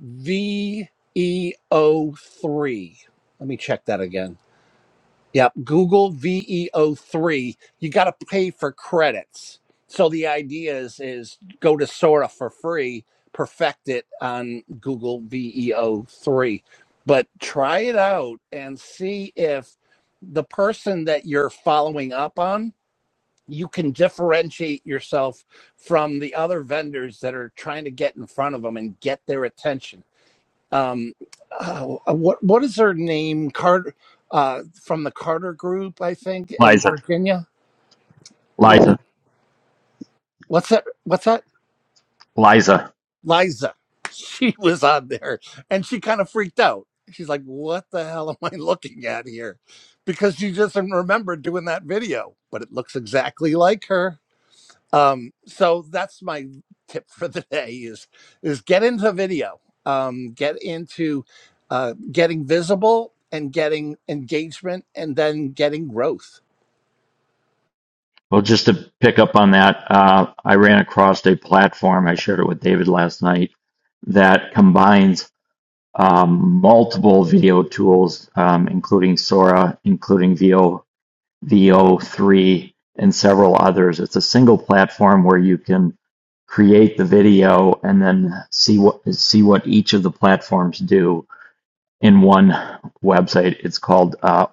[SPEAKER 1] VEO3. Let me check that again. Yep, Google VEO3. You got to pay for credits. So the idea is is go to Sora for free, perfect it on Google VEO3, but try it out and see if the person that you're following up on, you can differentiate yourself from the other vendors that are trying to get in front of them and get their attention um, oh, uh, what what is her name? Carter uh, from the Carter Group, I think, in
[SPEAKER 8] Liza,
[SPEAKER 1] Virginia. What
[SPEAKER 8] Liza,
[SPEAKER 1] what's that? What's that?
[SPEAKER 8] Liza.
[SPEAKER 1] Liza. (laughs) She was on there, and she kind of freaked out. She's like, "What the hell am I looking at here?" Because she just remembered doing that video, but it looks exactly like her. Um, so that's my tip for the day is is get into video, um, get into uh, getting visible and getting engagement and then getting growth.
[SPEAKER 8] Well, just to pick up on that, uh, I ran across a platform. I shared it with David last night that combines um, multiple video tools, um, including Sora, including VO VO three and several others. It's a single platform where you can create the video and then see what see what each of the platforms do in one website. It's called uh,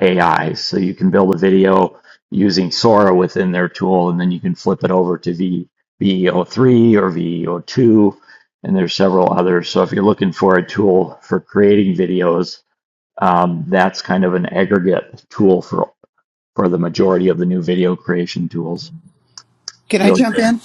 [SPEAKER 8] AI. So you can build a video using Sora within their tool, and then you can flip it over to v, VEO3 or VEO2, and there's several others. So if you're looking for a tool for creating videos, um, that's kind of an aggregate tool for for the majority of the new video creation tools.
[SPEAKER 7] Can I
[SPEAKER 8] Really?
[SPEAKER 7] jump in?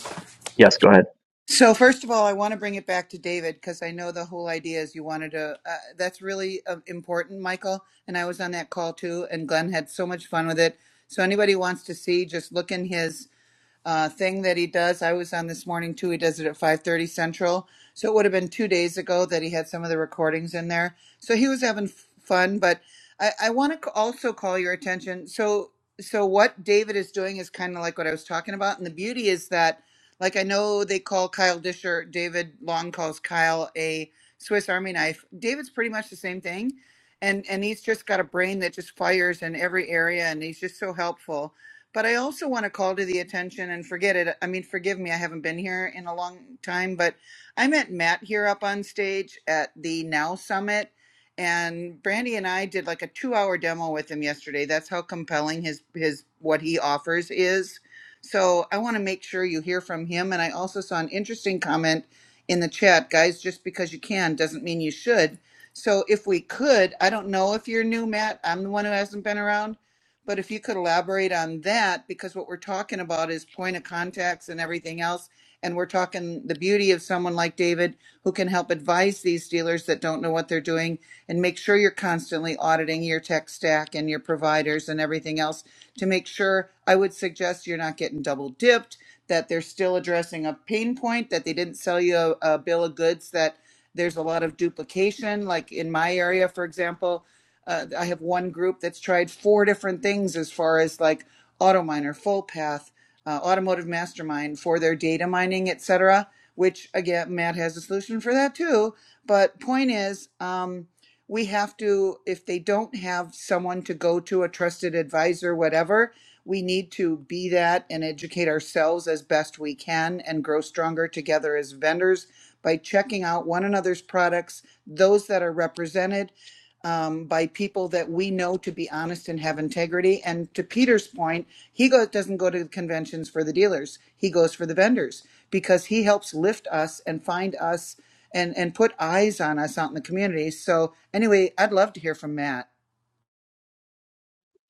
[SPEAKER 8] Yes, go ahead.
[SPEAKER 7] So first of all, I want to bring it back to David because I know the whole idea is you wanted to. Uh, that's really uh, important, Michael. And I was on that call too, and Glenn had so much fun with it. So anybody who wants to see, just look in his uh, thing that he does. I was on this morning too. He does it at 5:30 Central, so it would have been two days ago that he had some of the recordings in there. So he was having f- fun. But I, I want to also call your attention. So so what David is doing is kind of like what I was talking about, and the beauty is that, like I know they call Kyle Disher, David Long calls Kyle a Swiss Army knife. David's pretty much the same thing. And, and he's just got a brain that just fires in every area and he's just so helpful but I also want to call to the attention and forget it. I mean, forgive me, I haven't been here in a long time, but I met Matt here up on stage at the Now Summit, and Brandy and I did like a two-hour demo with him yesterday. That's how compelling his his what he offers is. So I want to make sure you hear from him. And I also saw an interesting comment in the chat, guys. Just because you can doesn't mean you should. So if we could, I don't know if you're new, Matt. I'm the one who hasn't been around but if you could elaborate on that, because what we're talking about is point of contacts and everything else. And we're talking the beauty of someone like David who can help advise these dealers that don't know what they're doing and make sure you're constantly auditing your tech stack and your providers and everything else to make sure I would suggest you're not getting double dipped, that they're still addressing a pain point, that they didn't sell you a, a bill of goods, that there's a lot of duplication. Like in my area, for example, uh, I have one group that's tried four different things as far as like AutoMiner, FullPath, uh, Automotive Mastermind for their data mining, et cetera, which again, Matt has a solution for that too. But point is, um, we have to, if they don't have someone to go to, a trusted advisor, whatever, we need to be that and educate ourselves as best we can and grow stronger together as vendors by checking out one another's products, those that are represented um, by people that we know to be honest and have integrity. And to Peter's point, he goes, doesn't go to conventions for the dealers. He goes for the vendors because he helps lift us and find us and, and put eyes on us out in the community. So anyway, I'd love to hear from Matt.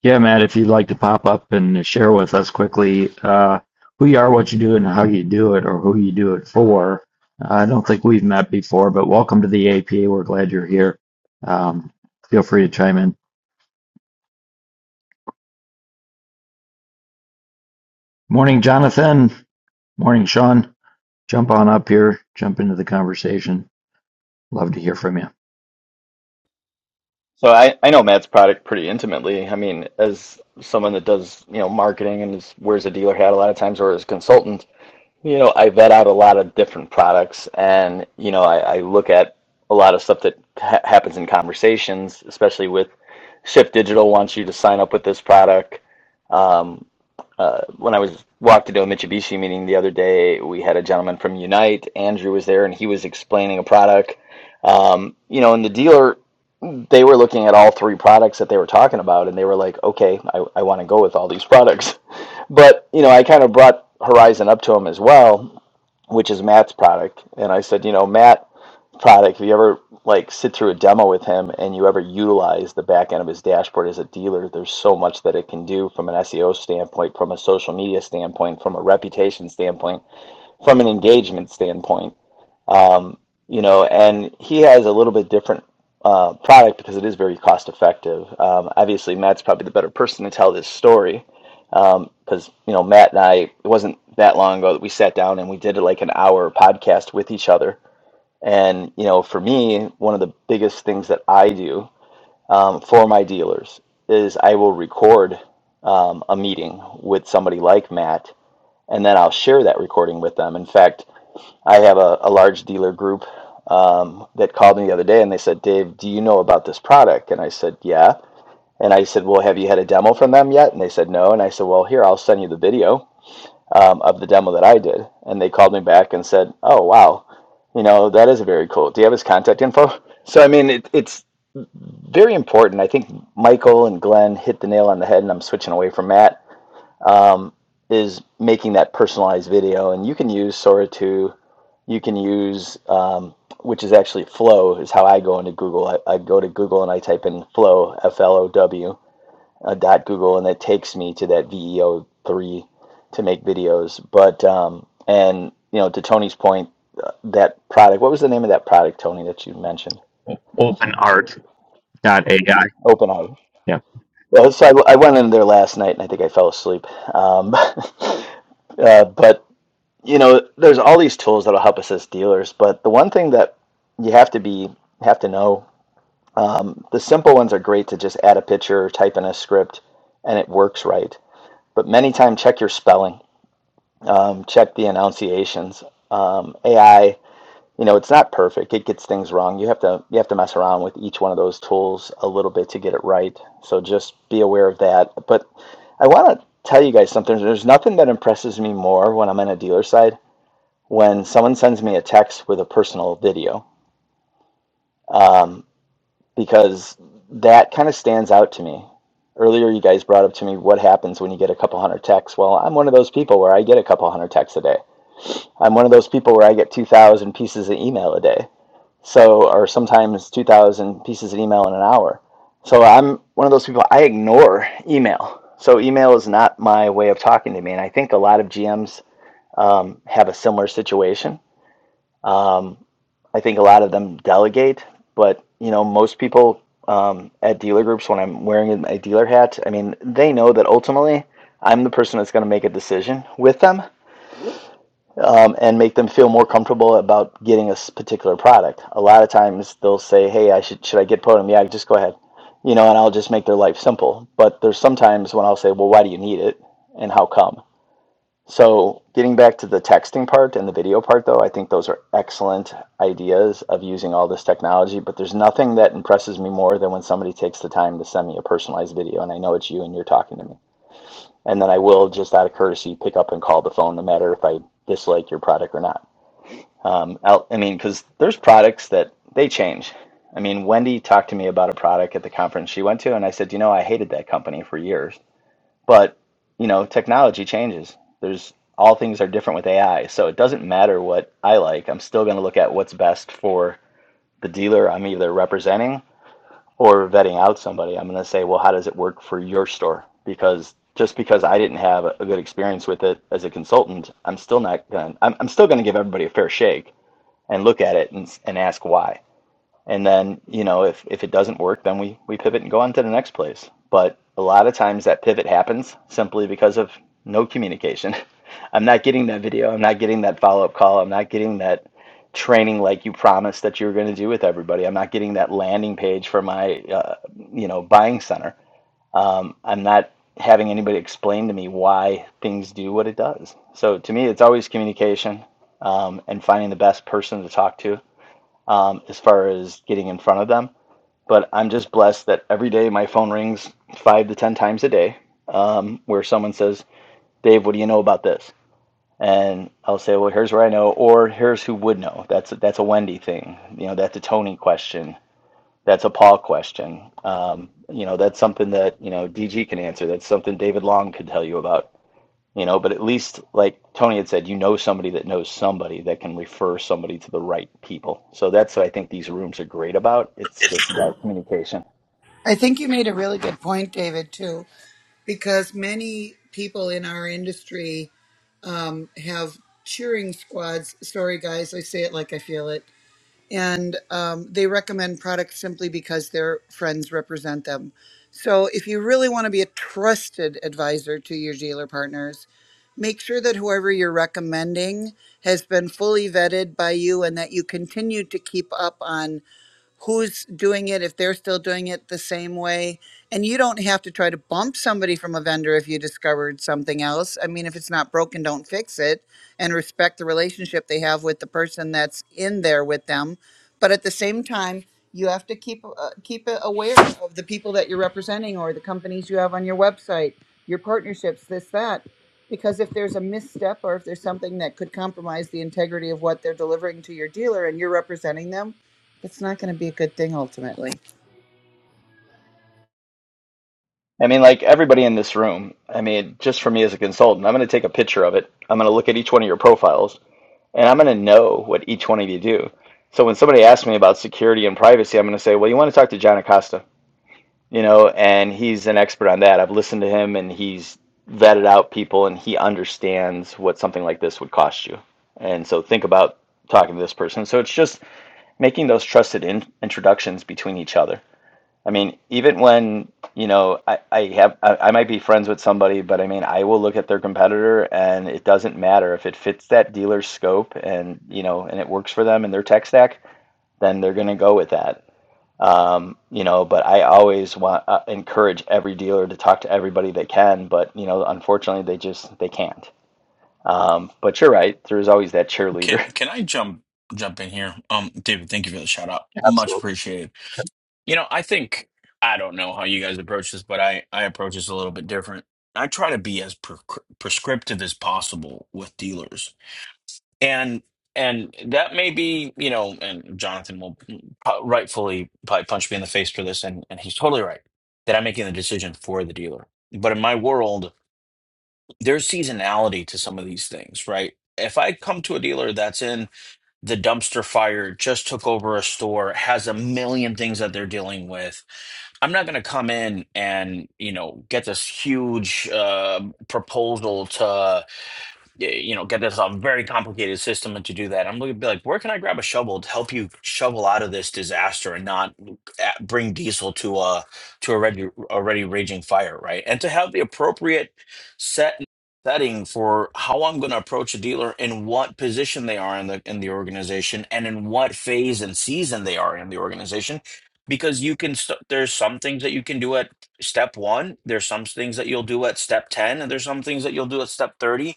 [SPEAKER 8] Yeah, Matt, if you'd like to pop up and share with us quickly uh, who you are, what you do, and how you do it, or who you do it for. Uh, I don't think we've met before, but welcome to the APA. We're glad you're here. Um, feel free to chime in. Morning, Jonathan. Morning, Sean. Jump on up here. Jump into the conversation. Love to hear from you.
[SPEAKER 9] So I, I know Matt's product pretty intimately. I mean, as someone that does, you know, marketing and is, wears a dealer hat a lot of times or as a consultant, You know, I vet out a lot of different products, and you know, I, I look at a lot of stuff that ha happens in conversations, especially with Shift Digital wants you to sign up with this product. Um, uh, when I was walked into a Mitsubishi meeting the other day, we had a gentleman from Unite. Andrew was there, and he was explaining a product. Um, you know, and the dealer, they were looking at all three products that they were talking about, and they were like, "Okay, I, I want to go with all these products." (laughs) But you know, I kind of brought Horizon up to him as well which is Matt's product. And I said, you know, Matt product, if you ever like sit through a demo with him and you ever utilize the back end of his dashboard as a dealer, there's so much that it can do from an SEO standpoint, from a social media standpoint, from a reputation standpoint, from an engagement standpoint, you know, and he has a little bit different uh, product because it is very cost effective. Um, obviously, Matt's probably the better person to tell this story because um, you know Matt and I. It wasn't that long ago that we sat down and we did like an hour podcast with each other and you know, for me, one of the biggest things that I do um, for my dealers is I will record um, a meeting with somebody like Matt, and then I'll share that recording with them. In fact, I have a, a large dealer group um, that called me the other day, and they said, "Dave, do you know about this product?" And I said, "Yeah." And I said, "Well, have you had a demo from them yet?" And they said, "No." And I said, "Well, here, I'll send you the video." um, of the demo that I did, and they called me back and said, "Oh wow, you know that is very cool. Do you have his contact info?" So I mean, it, it's very important. I think Michael and Glenn hit the nail on the head, and I'm switching away from Matt. Um, is making that personalized video, and you can use Sora to you can use um, which is actually Flow is how I go into Google. I, I go to Google and I type in Flow F L O W, uh, dot Google, and it takes me to that VEO three to make videos. But um, and you know, to Tony's point, uh, that product. What was the name of that product, Tony, that you mentioned?
[SPEAKER 8] OpenArt AI.
[SPEAKER 9] OpenAI.
[SPEAKER 8] Yeah,
[SPEAKER 9] Well, so I, I went in there last night, and I think I fell asleep. Um, (laughs) uh, but you know, there's all these tools that'll help us as dealers. But the one thing that you have to be have to know. Um, the simple ones are great to just add a picture, type in a script, and it works right. But many times, check your spelling um, check the enunciations. Um, AI, you know, it's not perfect. It gets things wrong. You have to you have to mess around with each one of those tools a little bit to get it right. So just be aware of that. But I want to tell you guys something. There's nothing that impresses me more when I'm on a dealer side when someone sends me a text with a personal video um, because that kind of stands out to me. Earlier, you guys brought up to me what happens when you get a couple hundred texts. Well, I'm one of those people where I get a couple hundred texts a day I'm one of those people where I get 2,000 pieces of email a day. So, or sometimes 2,000 pieces of email in an hour. So, I'm one of those people, I ignore email. So, email is not my way of talking to me. And I think a lot of GMs um, have a similar situation. Um, I think a lot of them delegate, but you know, most people um, at dealer groups, when I'm wearing my dealer hat, I mean, they know that ultimately I'm the person that's going to make a decision with them um, and make them feel more comfortable about getting a particular product. A lot of times they'll say, "Hey, I should should I get Podium?" Yeah, just go ahead, you know, and I'll just make their life simple. But there's sometimes when I'll say, "Well, why do you need it, and how come?" So getting back to the texting part and the video part, though, I think those are excellent ideas of using all this technology. But there's nothing that impresses me more than when somebody takes the time to send me a personalized video, and I know it's you and you're talking to me. And then I will, just out of courtesy, pick up and call the phone, no matter if I dislike your product or not um, out, I mean, because there's products that they change. I mean, Wendy talked to me about a product at the conference she went to, and I said, you know, I hated that company for years. But, you know, technology changes. There's all things are different with AI. So it doesn't matter what I like. I'm still going to look at what's best for the dealer I'm either representing or vetting out somebody. I'm going to say, well, how does it work for your store? Because just because I didn't have a good experience with it as a consultant, I'm still not going to, I'm, I'm still going to give everybody a fair shake and look at it and, and ask why. And then, you know, if, if it doesn't work, then we, we pivot and go on to the next place. But a lot of times that pivot happens simply because of no communication. (laughs) I'm not getting that video. I'm not getting that follow up call. I'm not getting that training like you promised that you were going to do with everybody. I'm not getting that landing page for my, uh, you know, buying center. Um, I'm not having anybody explain to me why things do what it does. So to me, it's always communication um, and finding the best person to talk to um, as far as getting in front of them. But I'm just blessed that every day my phone rings five to 10 times a day um, where someone says, Dave, what do you know about this? And I'll say, well, here's where I know, or here's who would know. That's that's a Wendy thing. You know, that's a Tony question. That's a Paul question. Um, you know, that's something that, you know, DG can answer. That's something David Long could tell you about you know, but at least like Tony had said, you know somebody that knows somebody that can refer somebody to the right people. So that's what I think these rooms are great about. It's just about communication.
[SPEAKER 7] I think you made a really good point, David, too, because many people in our industry have cheering squads. Sorry, guys, I say it like I feel it. and um, they recommend products simply because their friends represent them. So, if you really want to be a trusted advisor to your dealer partners, make sure that whoever you're recommending has been fully vetted by you and that you continue to keep up on who's doing it, if they're still doing it the same way. And you don't have to try to bump somebody from a vendor if you discovered something else. I mean, if it's not broken, don't fix it and respect the relationship they have with the person that's in there with them. But at the same time, you have to keep uh, keep it aware of the people that you're representing or the companies you have on your website, your partnerships, this that, because if there's a misstep or if there's something that could compromise the integrity of what they're delivering to your dealer and you're representing them, it's not going to be a good thing ultimately.
[SPEAKER 9] I mean, like everybody in this room, I mean, just for me as a consultant, I'm going to take a picture of it. I'm going to look at each one of your profiles and I'm going to know what each one of you do. So when somebody asks me about security and privacy, I'm going to say, well, you want to talk to John Acosta you know, and he's an expert on that. I've listened to him and he's vetted out people and he understands what something like this would cost you. And so think about talking to this person. So it's just making those trusted in- introductions between each other. I mean, even when, you know, I, I have, I, I might be friends with somebody, but I mean, I will look at their competitor and it doesn't matter if it fits that dealer's scope and, you know, and it works for them and their tech stack, then they're going to go with that um, you know, but I always want uh, encourage every dealer to talk to everybody they can, but you know, unfortunately, they just they can't. Um, but you're right. There's always that
[SPEAKER 10] Can
[SPEAKER 9] cheerleader. (laughs) I
[SPEAKER 10] can I jump jump in here? Um, David, thank you for the shout out. Much
[SPEAKER 8] Absolutely.
[SPEAKER 10] appreciated. You know, I think I don't know how you guys approach this, but I I approach this a little bit different. I try to be as pre prescriptive as possible with dealers, and and that may be you know, and Jonathan will pro- rightfully probably punch me in the face for this, and and he's totally right that I'm making the decision for the dealer. But in my world, there's seasonality to some of these things, right? If I come to a dealer that's in the dumpster fire just took over a store, has a million things that they're dealing with. I'm not going to come in and, you know, get this huge uh, proposal to you know, get this a very complicated system, and to do that, I'm going to be like, where can I grab a shovel to help you shovel out of this disaster and not a- bring diesel to a to a already already raging fire, right? And to have the appropriate set setting for how I'm going to approach a dealer and what position they are in the in the organization and in what phase and season they are in the organization, because you can st- there's some things that you can do at step one there's some things that you'll do at step 10 and there's some things that you'll do at step 30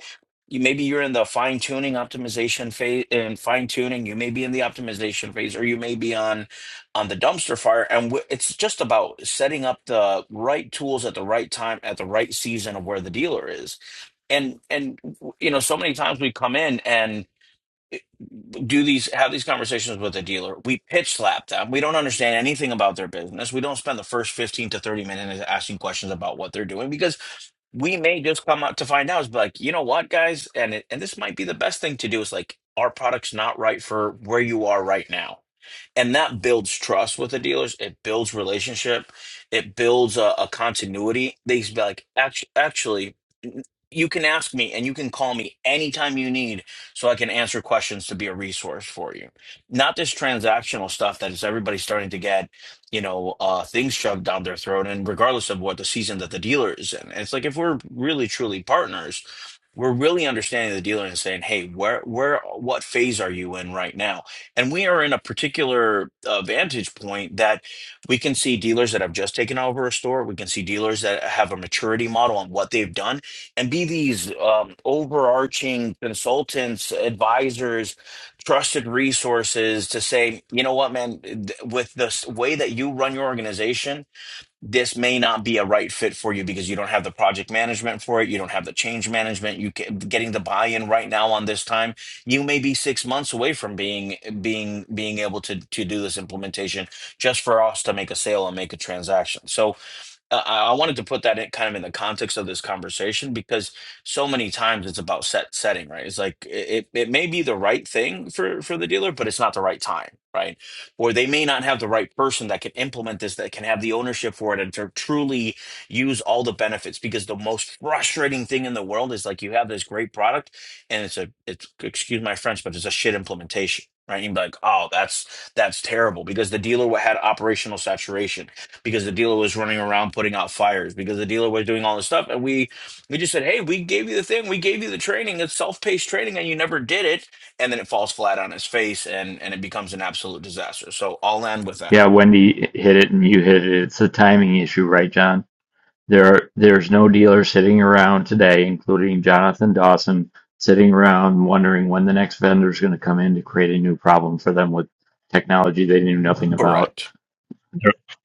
[SPEAKER 10] you maybe you're in the fine tuning optimization phase and fine tuning you may be in the optimization phase or you may be on on the dumpster fire and w- it's just about setting up the right tools at the right time at the right season of where the dealer is and and you know so many times we come in and eh, do these have these conversations with the dealer we pitch slap them we don't understand anything about their business we don't spend the first 15 to 30 minutes asking questions about what they're doing because we may just come out to find out is like you know what guys and it, and this might be the best thing to do is like our product's not right for where you are right now and that builds trust with the dealers it builds relationship it builds a, a continuity they used to be like actually, actually you can ask me and you can call me anytime you need so i can answer questions to be a resource for you not this transactional stuff that is everybody starting to get you know uh things shoved down their throat and regardless of what the season that the dealer is in it's like if we're really truly partners we're really understanding the dealer and saying, "Hey, where, where, what phase are you in right now?" And we are in a particular uh, vantage point that we can see dealers that have just taken over a store. We can see dealers that have a maturity model on what they've done, and be these um, overarching consultants, advisors, trusted resources to say, "You know what, man? th- With the s- way that you run your organization." this may not be a right fit for you because you don't have the project management for it you don't have the change management you can, getting the buy-in right now on this time you may be six months away from being being being able to to do this implementation just for us to make a sale and make a transaction so uh, I, I wanted to put that in kind of in the context of this conversation because so many times it's about set setting, right? It's like it, it it may be the right thing for for the dealer, but it's not the right time, right? Or they may not have the right person that can implement this, that can have the ownership for it and to truly use all the benefits. Because the most frustrating thing in the world is like you have this great product and it's a it's excuse my French, but it's a shit implementation. Right, you'd be like, "Oh, that's that's terrible," because the dealer had operational saturation because the dealer was running around putting out fires because the dealer was doing all this stuff and we we just said hey we gave you the thing we gave you the training it's self-paced training and you never did it and then it falls flat on its face and and it becomes an absolute disaster so i'll end with that
[SPEAKER 8] Yeah, Wendy hit it and you hit it. It's a timing issue, right, John? There are, there's no dealer sitting around today, including Jonathan Dawson, sitting around wondering when the next vendor is going to come in to create a new problem for them with technology they knew nothing about.
[SPEAKER 10] correct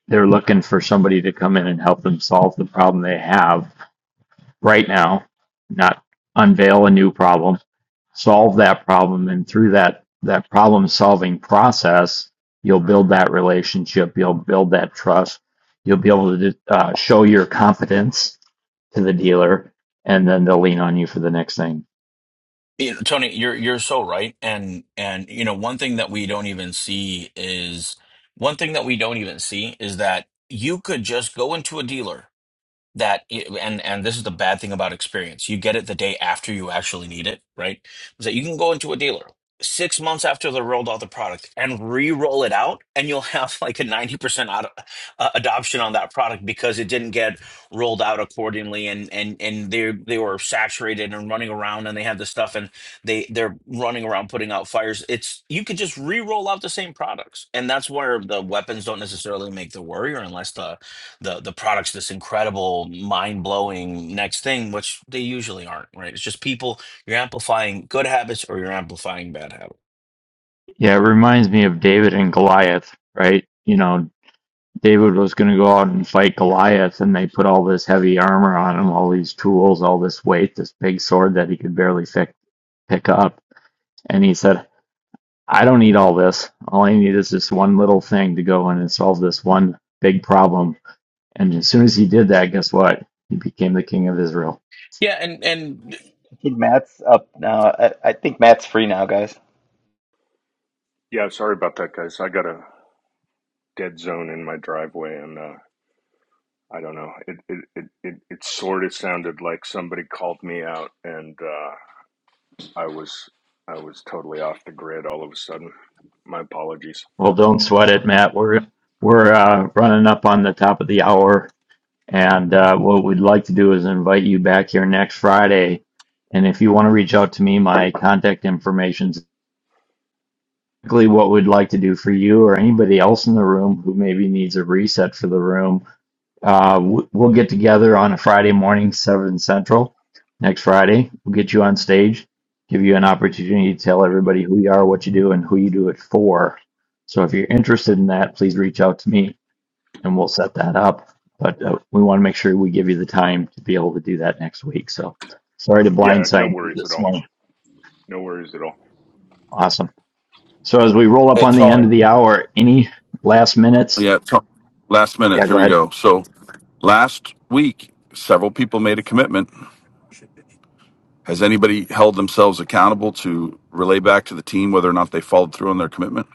[SPEAKER 8] They're looking for somebody to come in and help them solve the problem they have right now, not unveil a new problem, solve that problem, and through that that problem solving process, you'll build that relationship, you'll build that trust, you'll be able to uh, show your competence to the dealer, and then they'll lean on you for the next thing.
[SPEAKER 10] you know, tony you're you're so right and and you know one thing that we don't even see is one thing that we don't even see is that you could just go into a dealer that it, and and this is the bad thing about experience you get it the day after you actually need it right is that you can go into a dealer six months after they rolled out the product and re-roll it out and you'll (laughs) have like a 90% ad, uh, adoption on that product because it didn't get rolled out accordingly and and and they they were saturated and running around and they had this stuff and they they're running around putting out fires it's you could just re-roll out the same products and that's where the weapons don't necessarily make the warrior unless the the the product's this incredible, mind blowing next thing, which they usually aren't, right? It's just people you're amplifying good habits or you're amplifying bad habits.
[SPEAKER 8] Yeah, it reminds me of David and Goliath, right? You know, David was going to go out and fight Goliath, and they put all this heavy armor on him, all these tools, all this weight, this big sword that he could barely pick pick up And he said, I don't need all this. All I need is this one little thing to go in and solve this one big problem. And as soon as he did that, guess what? He became the king of Israel.
[SPEAKER 10] Yeah, and and
[SPEAKER 9] think Matt's up now. I, I think Matt's free now, guys.
[SPEAKER 11] Yeah, sorry about that, guys. I got a dead zone in my driveway, and uh, I don't know. It it, it it it sort of sounded like somebody called me out, and uh, I was I was totally off the grid all of a sudden. My apologies.
[SPEAKER 8] Well, don't sweat it, Matt. We're we're uh, running up on the top of the hour, and uh, what we'd like to do is invite you back here next Friday. And if you want to reach out to me, my contact information is exactly what we'd like to do for you or anybody else in the room who maybe needs a reset for the room Uh, w- we'll get together on a Friday morning, 7 Central, next Friday. We'll get you on stage, give you an opportunity to tell everybody who you are, what you do, and who you do it for. So if you're interested in that, please reach out to me and we'll set that up. But uh, we want to make sure we give you the time to be able to do that next week. So sorry to
[SPEAKER 11] Yeah, no
[SPEAKER 8] blindside you
[SPEAKER 11] worries at
[SPEAKER 8] this
[SPEAKER 11] all.
[SPEAKER 8] morning.
[SPEAKER 11] No worries at all.
[SPEAKER 8] Awesome. So as we roll up
[SPEAKER 12] Hey,
[SPEAKER 8] on the end
[SPEAKER 12] Tony.
[SPEAKER 8] of the hour, any last minutes?
[SPEAKER 12] Yeah, t- last minute.
[SPEAKER 8] Yeah,
[SPEAKER 12] Here
[SPEAKER 8] go
[SPEAKER 12] we
[SPEAKER 8] ahead.
[SPEAKER 12] go. So last week, several people made a commitment. Has anybody held themselves accountable to relay back to the team whether or not they followed through on their commitment?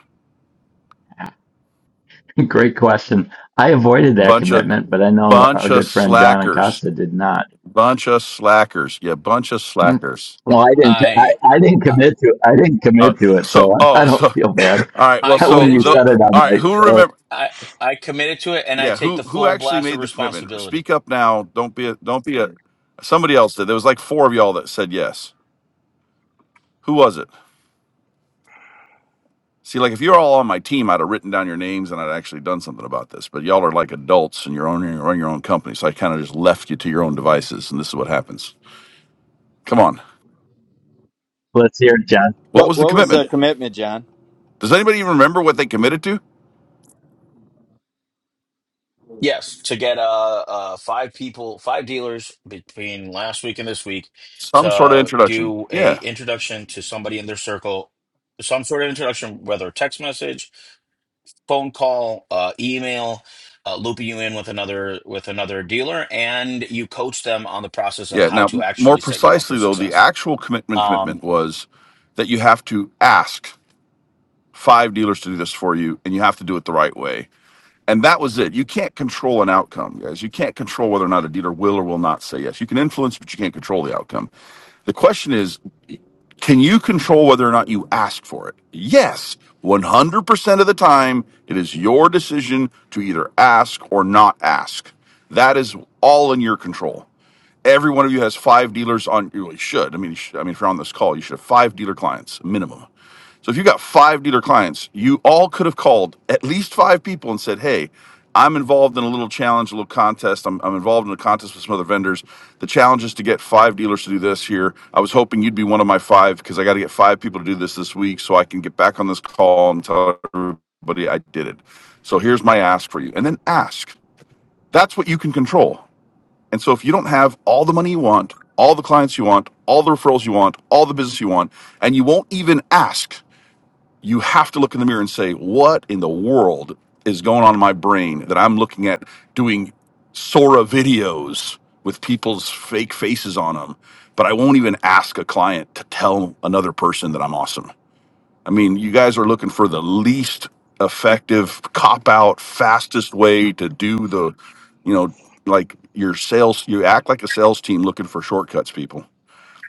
[SPEAKER 8] (laughs) Great question. I avoided that
[SPEAKER 12] Bunch of
[SPEAKER 8] commitment, but I know our
[SPEAKER 12] bunch of
[SPEAKER 8] good friend John
[SPEAKER 12] slackers.
[SPEAKER 8] Acosta did not.
[SPEAKER 12] Bunch of slackers. Yeah, bunch of
[SPEAKER 8] Mm.
[SPEAKER 12] slackers.
[SPEAKER 8] Well, I didn't. I,
[SPEAKER 10] I
[SPEAKER 8] I didn't
[SPEAKER 10] uh,
[SPEAKER 8] commit to. I didn't
[SPEAKER 12] Uh,
[SPEAKER 8] commit to it, so
[SPEAKER 12] so
[SPEAKER 8] I,
[SPEAKER 12] oh, (laughs)
[SPEAKER 8] I don't
[SPEAKER 12] so
[SPEAKER 8] feel bad. (laughs)
[SPEAKER 12] all right.
[SPEAKER 10] I
[SPEAKER 12] Well, so
[SPEAKER 8] When
[SPEAKER 10] committed
[SPEAKER 8] you
[SPEAKER 10] to
[SPEAKER 12] the
[SPEAKER 8] said
[SPEAKER 10] it.
[SPEAKER 8] it, I'm
[SPEAKER 12] all right.
[SPEAKER 8] like,
[SPEAKER 12] Who
[SPEAKER 8] oh,
[SPEAKER 12] remember?
[SPEAKER 10] I I committed to it, and I
[SPEAKER 12] Yeah,
[SPEAKER 10] take
[SPEAKER 12] who
[SPEAKER 10] the
[SPEAKER 12] who
[SPEAKER 10] full
[SPEAKER 12] actually
[SPEAKER 10] blast of
[SPEAKER 12] made the commitment?
[SPEAKER 10] responsibility.
[SPEAKER 12] Speak up now. Don't be a don't be a. Somebody else did. There was like four of y'all that said yes. Who was it? See, like if you're all on my team, I'd have written down your names and I'd actually done something about this. But y'all are like adults and you're owning run your own company, so I kind of just left you to your own devices, and this is what happens. Come on,
[SPEAKER 8] let's hear it, John.
[SPEAKER 12] what
[SPEAKER 9] What
[SPEAKER 12] was the
[SPEAKER 9] what was
[SPEAKER 12] commitment?
[SPEAKER 9] the commitment, John?
[SPEAKER 12] Does anybody even remember what they committed to?
[SPEAKER 10] Yes, to get uh, uh five people, five dealers between last week and this week
[SPEAKER 12] Some sort of
[SPEAKER 10] to
[SPEAKER 12] introduction.
[SPEAKER 10] do a
[SPEAKER 12] Yeah,
[SPEAKER 10] introduction to somebody in their circle, some sort of introduction, whether text message phone call, uh, email, uh, looping you in with another with another dealer, and you coach them on the process of
[SPEAKER 12] yeah.
[SPEAKER 10] how
[SPEAKER 12] Now,
[SPEAKER 10] to
[SPEAKER 12] m- more
[SPEAKER 10] actually set you up
[SPEAKER 12] precisely
[SPEAKER 10] for
[SPEAKER 12] though, the
[SPEAKER 10] success.
[SPEAKER 12] actual commitment
[SPEAKER 10] Um,
[SPEAKER 12] commitment was that you have to ask five dealers to do this for you, and you have to do it the right way And that was it. You can't control an outcome, guys. You can't control whether or not a dealer will or will not say yes. You can influence, but you can't control the outcome. The question is, can you control whether or not you ask for it? Yes, 100% of the time, it is your decision to either ask or not ask. That is all in your control. Every one of you has five dealers on. You really should. I mean, you should, I mean, if you're on this call, you should have five dealer clients minimum. So if you got five dealer clients, you all could have called at least five people and said, "Hey, I'm involved in a little challenge, a little contest. I'm, I'm involved in a contest with some other vendors. The challenge is to get five dealers to do this here. I was hoping you'd be one of my five because I got to get five people to do this this week so I can get back on this call and tell everybody I did it. So here's my ask for you, and then ask. That's what you can control. And so if you don't have all the money you want, all the clients you want, all the referrals you want, all the business you want, and you won't even ask, you have to look in the mirror and say, what in the world is going on in my brain that I'm looking at doing Sora videos with people's fake faces on them, but I won't even ask a client to tell another person that I'm awesome. I mean, you guys are looking for the least effective cop out, fastest way to do the, you know, like your sales. You act like a sales team looking for shortcuts, people.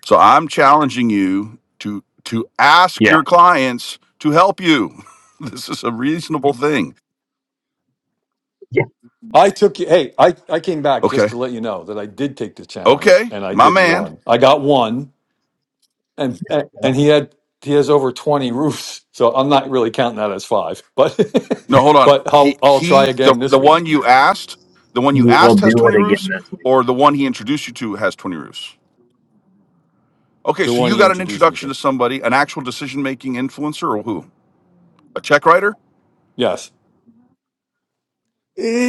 [SPEAKER 12] So I'm challenging you to to ask
[SPEAKER 8] Yeah,
[SPEAKER 12] your clients to help you. (laughs) This is a reasonable thing.
[SPEAKER 8] yeah.
[SPEAKER 3] I took you. Hey, I, I came back
[SPEAKER 12] Okay,
[SPEAKER 3] just to let you know that I did take the challenge
[SPEAKER 12] okay,
[SPEAKER 3] and I
[SPEAKER 12] my
[SPEAKER 3] did
[SPEAKER 12] man.
[SPEAKER 3] one. I got one, and and and he had he has over twenty roofs, so I'm not really counting that as five. But
[SPEAKER 12] No, hold
[SPEAKER 3] (laughs)
[SPEAKER 12] on.
[SPEAKER 3] but
[SPEAKER 12] He
[SPEAKER 3] I'll I'll try
[SPEAKER 12] he, the
[SPEAKER 3] again this
[SPEAKER 12] the
[SPEAKER 3] week.
[SPEAKER 12] one you asked, the one you
[SPEAKER 8] You will
[SPEAKER 12] asked has
[SPEAKER 8] do
[SPEAKER 12] twenty
[SPEAKER 8] it again
[SPEAKER 12] roofs,
[SPEAKER 8] this week.
[SPEAKER 12] or the one he introduced you to has twenty roofs. Okay,
[SPEAKER 3] The
[SPEAKER 12] so
[SPEAKER 3] one
[SPEAKER 12] you
[SPEAKER 3] he
[SPEAKER 12] got an
[SPEAKER 3] introduced me
[SPEAKER 12] introduction
[SPEAKER 3] to.
[SPEAKER 12] to somebody, an actual decision making influencer, or who? A check writer?
[SPEAKER 3] Yes,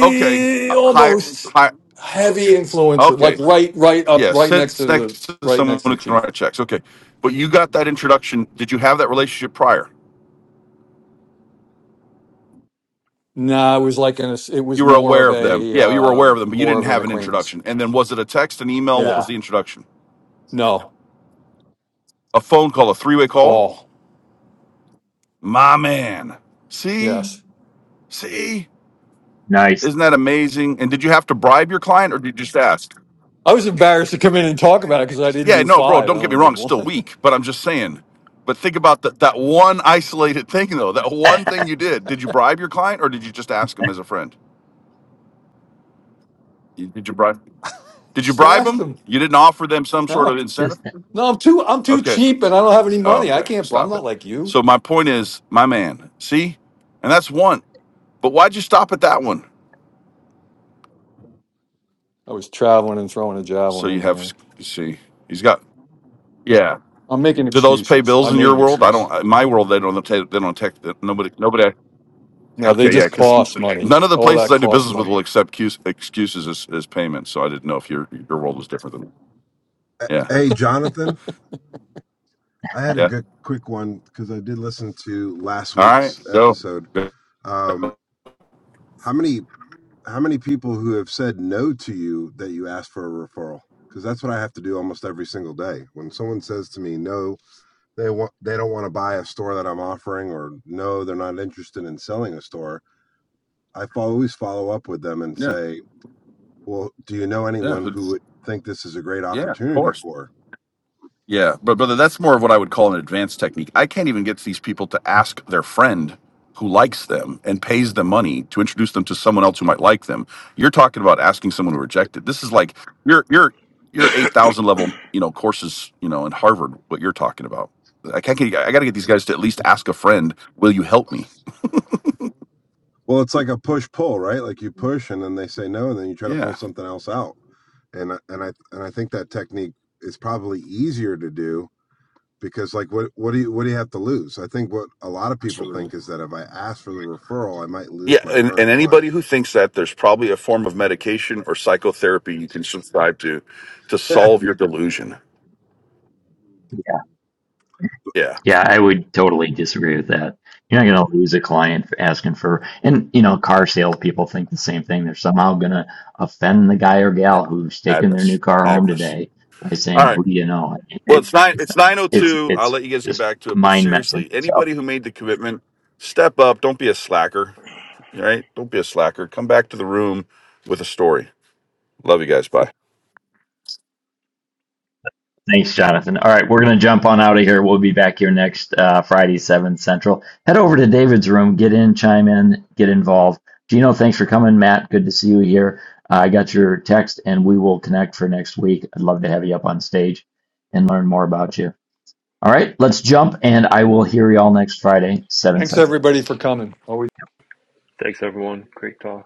[SPEAKER 12] Okay, uh, hi,
[SPEAKER 3] almost
[SPEAKER 12] hi.
[SPEAKER 3] heavy influencer, like
[SPEAKER 12] Okay,
[SPEAKER 3] right right
[SPEAKER 12] yeah,
[SPEAKER 3] up right next
[SPEAKER 12] sits
[SPEAKER 3] to the
[SPEAKER 12] next to
[SPEAKER 3] right
[SPEAKER 12] someone
[SPEAKER 3] next to
[SPEAKER 12] who
[SPEAKER 3] the
[SPEAKER 12] can
[SPEAKER 3] chief.
[SPEAKER 12] write checks. Okay, but you got that introduction. Did you have that relationship prior?
[SPEAKER 3] No, it was like an it was
[SPEAKER 12] You were
[SPEAKER 3] more
[SPEAKER 12] aware
[SPEAKER 3] of
[SPEAKER 12] of them.
[SPEAKER 3] a
[SPEAKER 12] Yeah, you were
[SPEAKER 3] uh
[SPEAKER 12] aware of them, but you
[SPEAKER 3] more
[SPEAKER 12] didn't
[SPEAKER 3] of an
[SPEAKER 12] have an
[SPEAKER 3] acquaintance.
[SPEAKER 12] introduction. And then was it a text, an email? What was
[SPEAKER 3] Yeah.
[SPEAKER 12] the introduction?
[SPEAKER 3] No.
[SPEAKER 12] A phone call, a three way call?
[SPEAKER 3] Call.
[SPEAKER 12] My man. See,
[SPEAKER 3] Yes.
[SPEAKER 12] see,
[SPEAKER 8] Nice.
[SPEAKER 12] isn't that amazing? And did you have to bribe your client, or did you just ask?
[SPEAKER 3] I was embarrassed to come in and talk about it because I didn't
[SPEAKER 12] Yeah,
[SPEAKER 3] do
[SPEAKER 12] no, bro,
[SPEAKER 3] five. I
[SPEAKER 12] don't get me
[SPEAKER 3] only did
[SPEAKER 12] wrong, it's
[SPEAKER 3] one.
[SPEAKER 12] still
[SPEAKER 3] (laughs)
[SPEAKER 12] weak, but I'm just saying. But think about that that one isolated (laughs) thing though, that one thing you did. Did you bribe your client or did you just ask him as a friend? You- Did you bribe? Did you
[SPEAKER 3] Just
[SPEAKER 12] bribe
[SPEAKER 3] asked
[SPEAKER 12] him?
[SPEAKER 3] him.
[SPEAKER 12] You didn't offer them some sort
[SPEAKER 3] No.
[SPEAKER 12] of incentive?
[SPEAKER 8] Just
[SPEAKER 3] No, I'm too I'm too
[SPEAKER 12] Okay.
[SPEAKER 3] cheap and I don't have any
[SPEAKER 12] Oh,
[SPEAKER 3] money. I
[SPEAKER 12] okay.
[SPEAKER 3] can't I'm
[SPEAKER 12] Stop it.
[SPEAKER 3] not like you.
[SPEAKER 12] So my point is, my man, see? And that's one. But why'd you stop at that one?
[SPEAKER 3] I was traveling and throwing a
[SPEAKER 12] So
[SPEAKER 3] javelin
[SPEAKER 12] you
[SPEAKER 3] in the
[SPEAKER 12] have
[SPEAKER 3] air.
[SPEAKER 12] you see, he's got yeah.
[SPEAKER 3] I'm making
[SPEAKER 12] Do those pay
[SPEAKER 3] excuses.
[SPEAKER 12] bills
[SPEAKER 3] I
[SPEAKER 12] in
[SPEAKER 3] made
[SPEAKER 12] your
[SPEAKER 3] an
[SPEAKER 12] world? I don't.
[SPEAKER 3] excuse.
[SPEAKER 12] In my world, they don't. They don't take. Nobody. Nobody.
[SPEAKER 3] No, they
[SPEAKER 12] Okay, yeah,
[SPEAKER 3] just
[SPEAKER 12] because
[SPEAKER 3] cost money.
[SPEAKER 12] none of the
[SPEAKER 3] All
[SPEAKER 12] places
[SPEAKER 3] that
[SPEAKER 12] I do
[SPEAKER 3] costs
[SPEAKER 12] business with will
[SPEAKER 3] money.
[SPEAKER 12] accept cus- excuses as, as payments. So I didn't know if your your world was different than yeah,
[SPEAKER 13] Hey, Jonathan, I had a
[SPEAKER 12] yeah.
[SPEAKER 13] good quick one because I did listen to last
[SPEAKER 12] All
[SPEAKER 13] week's
[SPEAKER 12] right, go.
[SPEAKER 13] episode.
[SPEAKER 12] Go.
[SPEAKER 13] Um, how many how many people who have said no to you that you asked for a referral? Because that's what I have to do almost every single day. When someone says to me, "No, they want they don't want to buy a store that I'm offering," or "No, they're not interested in selling a store," I fo- always follow up with them and
[SPEAKER 12] Yeah,
[SPEAKER 13] say, "Well, do you know
[SPEAKER 12] yeah,
[SPEAKER 13] anyone who
[SPEAKER 12] who's-
[SPEAKER 13] would think this is a great
[SPEAKER 12] yeah. Of
[SPEAKER 13] opportunity
[SPEAKER 12] course.
[SPEAKER 13] for?"
[SPEAKER 12] Yeah, but brother, that's more of what I would call an advanced technique. I can't even get these people to ask their friend who likes them and pays them money to introduce them to someone else who might like them. You're talking about asking someone who rejected. This is like your your your eight thousand level, you know, courses, you know, in Harvard. What you're talking about, I can't. Get, I got to get these guys to at least ask a friend, "Will you help me?"
[SPEAKER 13] Well, it's like a push pull, right? Like you push and then they say no, and then you try to pull
[SPEAKER 12] Yeah.
[SPEAKER 13] something else out. And I- and I and I think that technique is probably easier to do because like what what do you what do you have to lose? I think what a lot of people
[SPEAKER 12] absolutely.
[SPEAKER 13] think is that if I ask for the referral, I might
[SPEAKER 12] Yeah,
[SPEAKER 13] lose my
[SPEAKER 12] and, and
[SPEAKER 13] current
[SPEAKER 12] anybody
[SPEAKER 13] client.
[SPEAKER 12] who thinks that there's probably a form of medication or psychotherapy you can subscribe to to
[SPEAKER 13] (laughs)
[SPEAKER 12] solve your delusion. Yeah.
[SPEAKER 8] Yeah, I would totally disagree with that. You're not going to lose a client for asking for, and you know, car salespeople think the same thing. They're somehow going to offend the guy or
[SPEAKER 12] Yeah,
[SPEAKER 8] gal who's taking their new
[SPEAKER 12] madness,
[SPEAKER 8] car home
[SPEAKER 12] madness.
[SPEAKER 8] today by
[SPEAKER 12] All
[SPEAKER 8] saying,
[SPEAKER 12] right.
[SPEAKER 8] "Who do you know?"
[SPEAKER 12] Well,
[SPEAKER 8] It,
[SPEAKER 12] it's nine.
[SPEAKER 8] it's
[SPEAKER 12] It's nine oh
[SPEAKER 8] it's
[SPEAKER 12] two. I'll
[SPEAKER 8] it's
[SPEAKER 12] let you guys get
[SPEAKER 8] just
[SPEAKER 12] back to it. But
[SPEAKER 8] mind messing
[SPEAKER 12] seriously,
[SPEAKER 8] yourself.
[SPEAKER 12] anybody who made the commitment, step up. Don't be a slacker. All right. Don't be a slacker. Come back to the room with a story. Love you guys. Bye.
[SPEAKER 8] Thanks, Jonathan. All right, we're going to jump on out of here. We'll be back here next uh, Friday, 7 Central. Head over to David's room, get in, chime in, get involved. Gino, thanks for coming. Matt, good to see you here. Uh, I got your text, and we will connect for next week. I'd love to have you up on stage and learn more about you. All right, let's jump, and I will hear you all next Friday, 7
[SPEAKER 3] Thanks
[SPEAKER 8] Central.
[SPEAKER 3] everybody for coming. Always
[SPEAKER 2] Thanks, everyone. Great talk.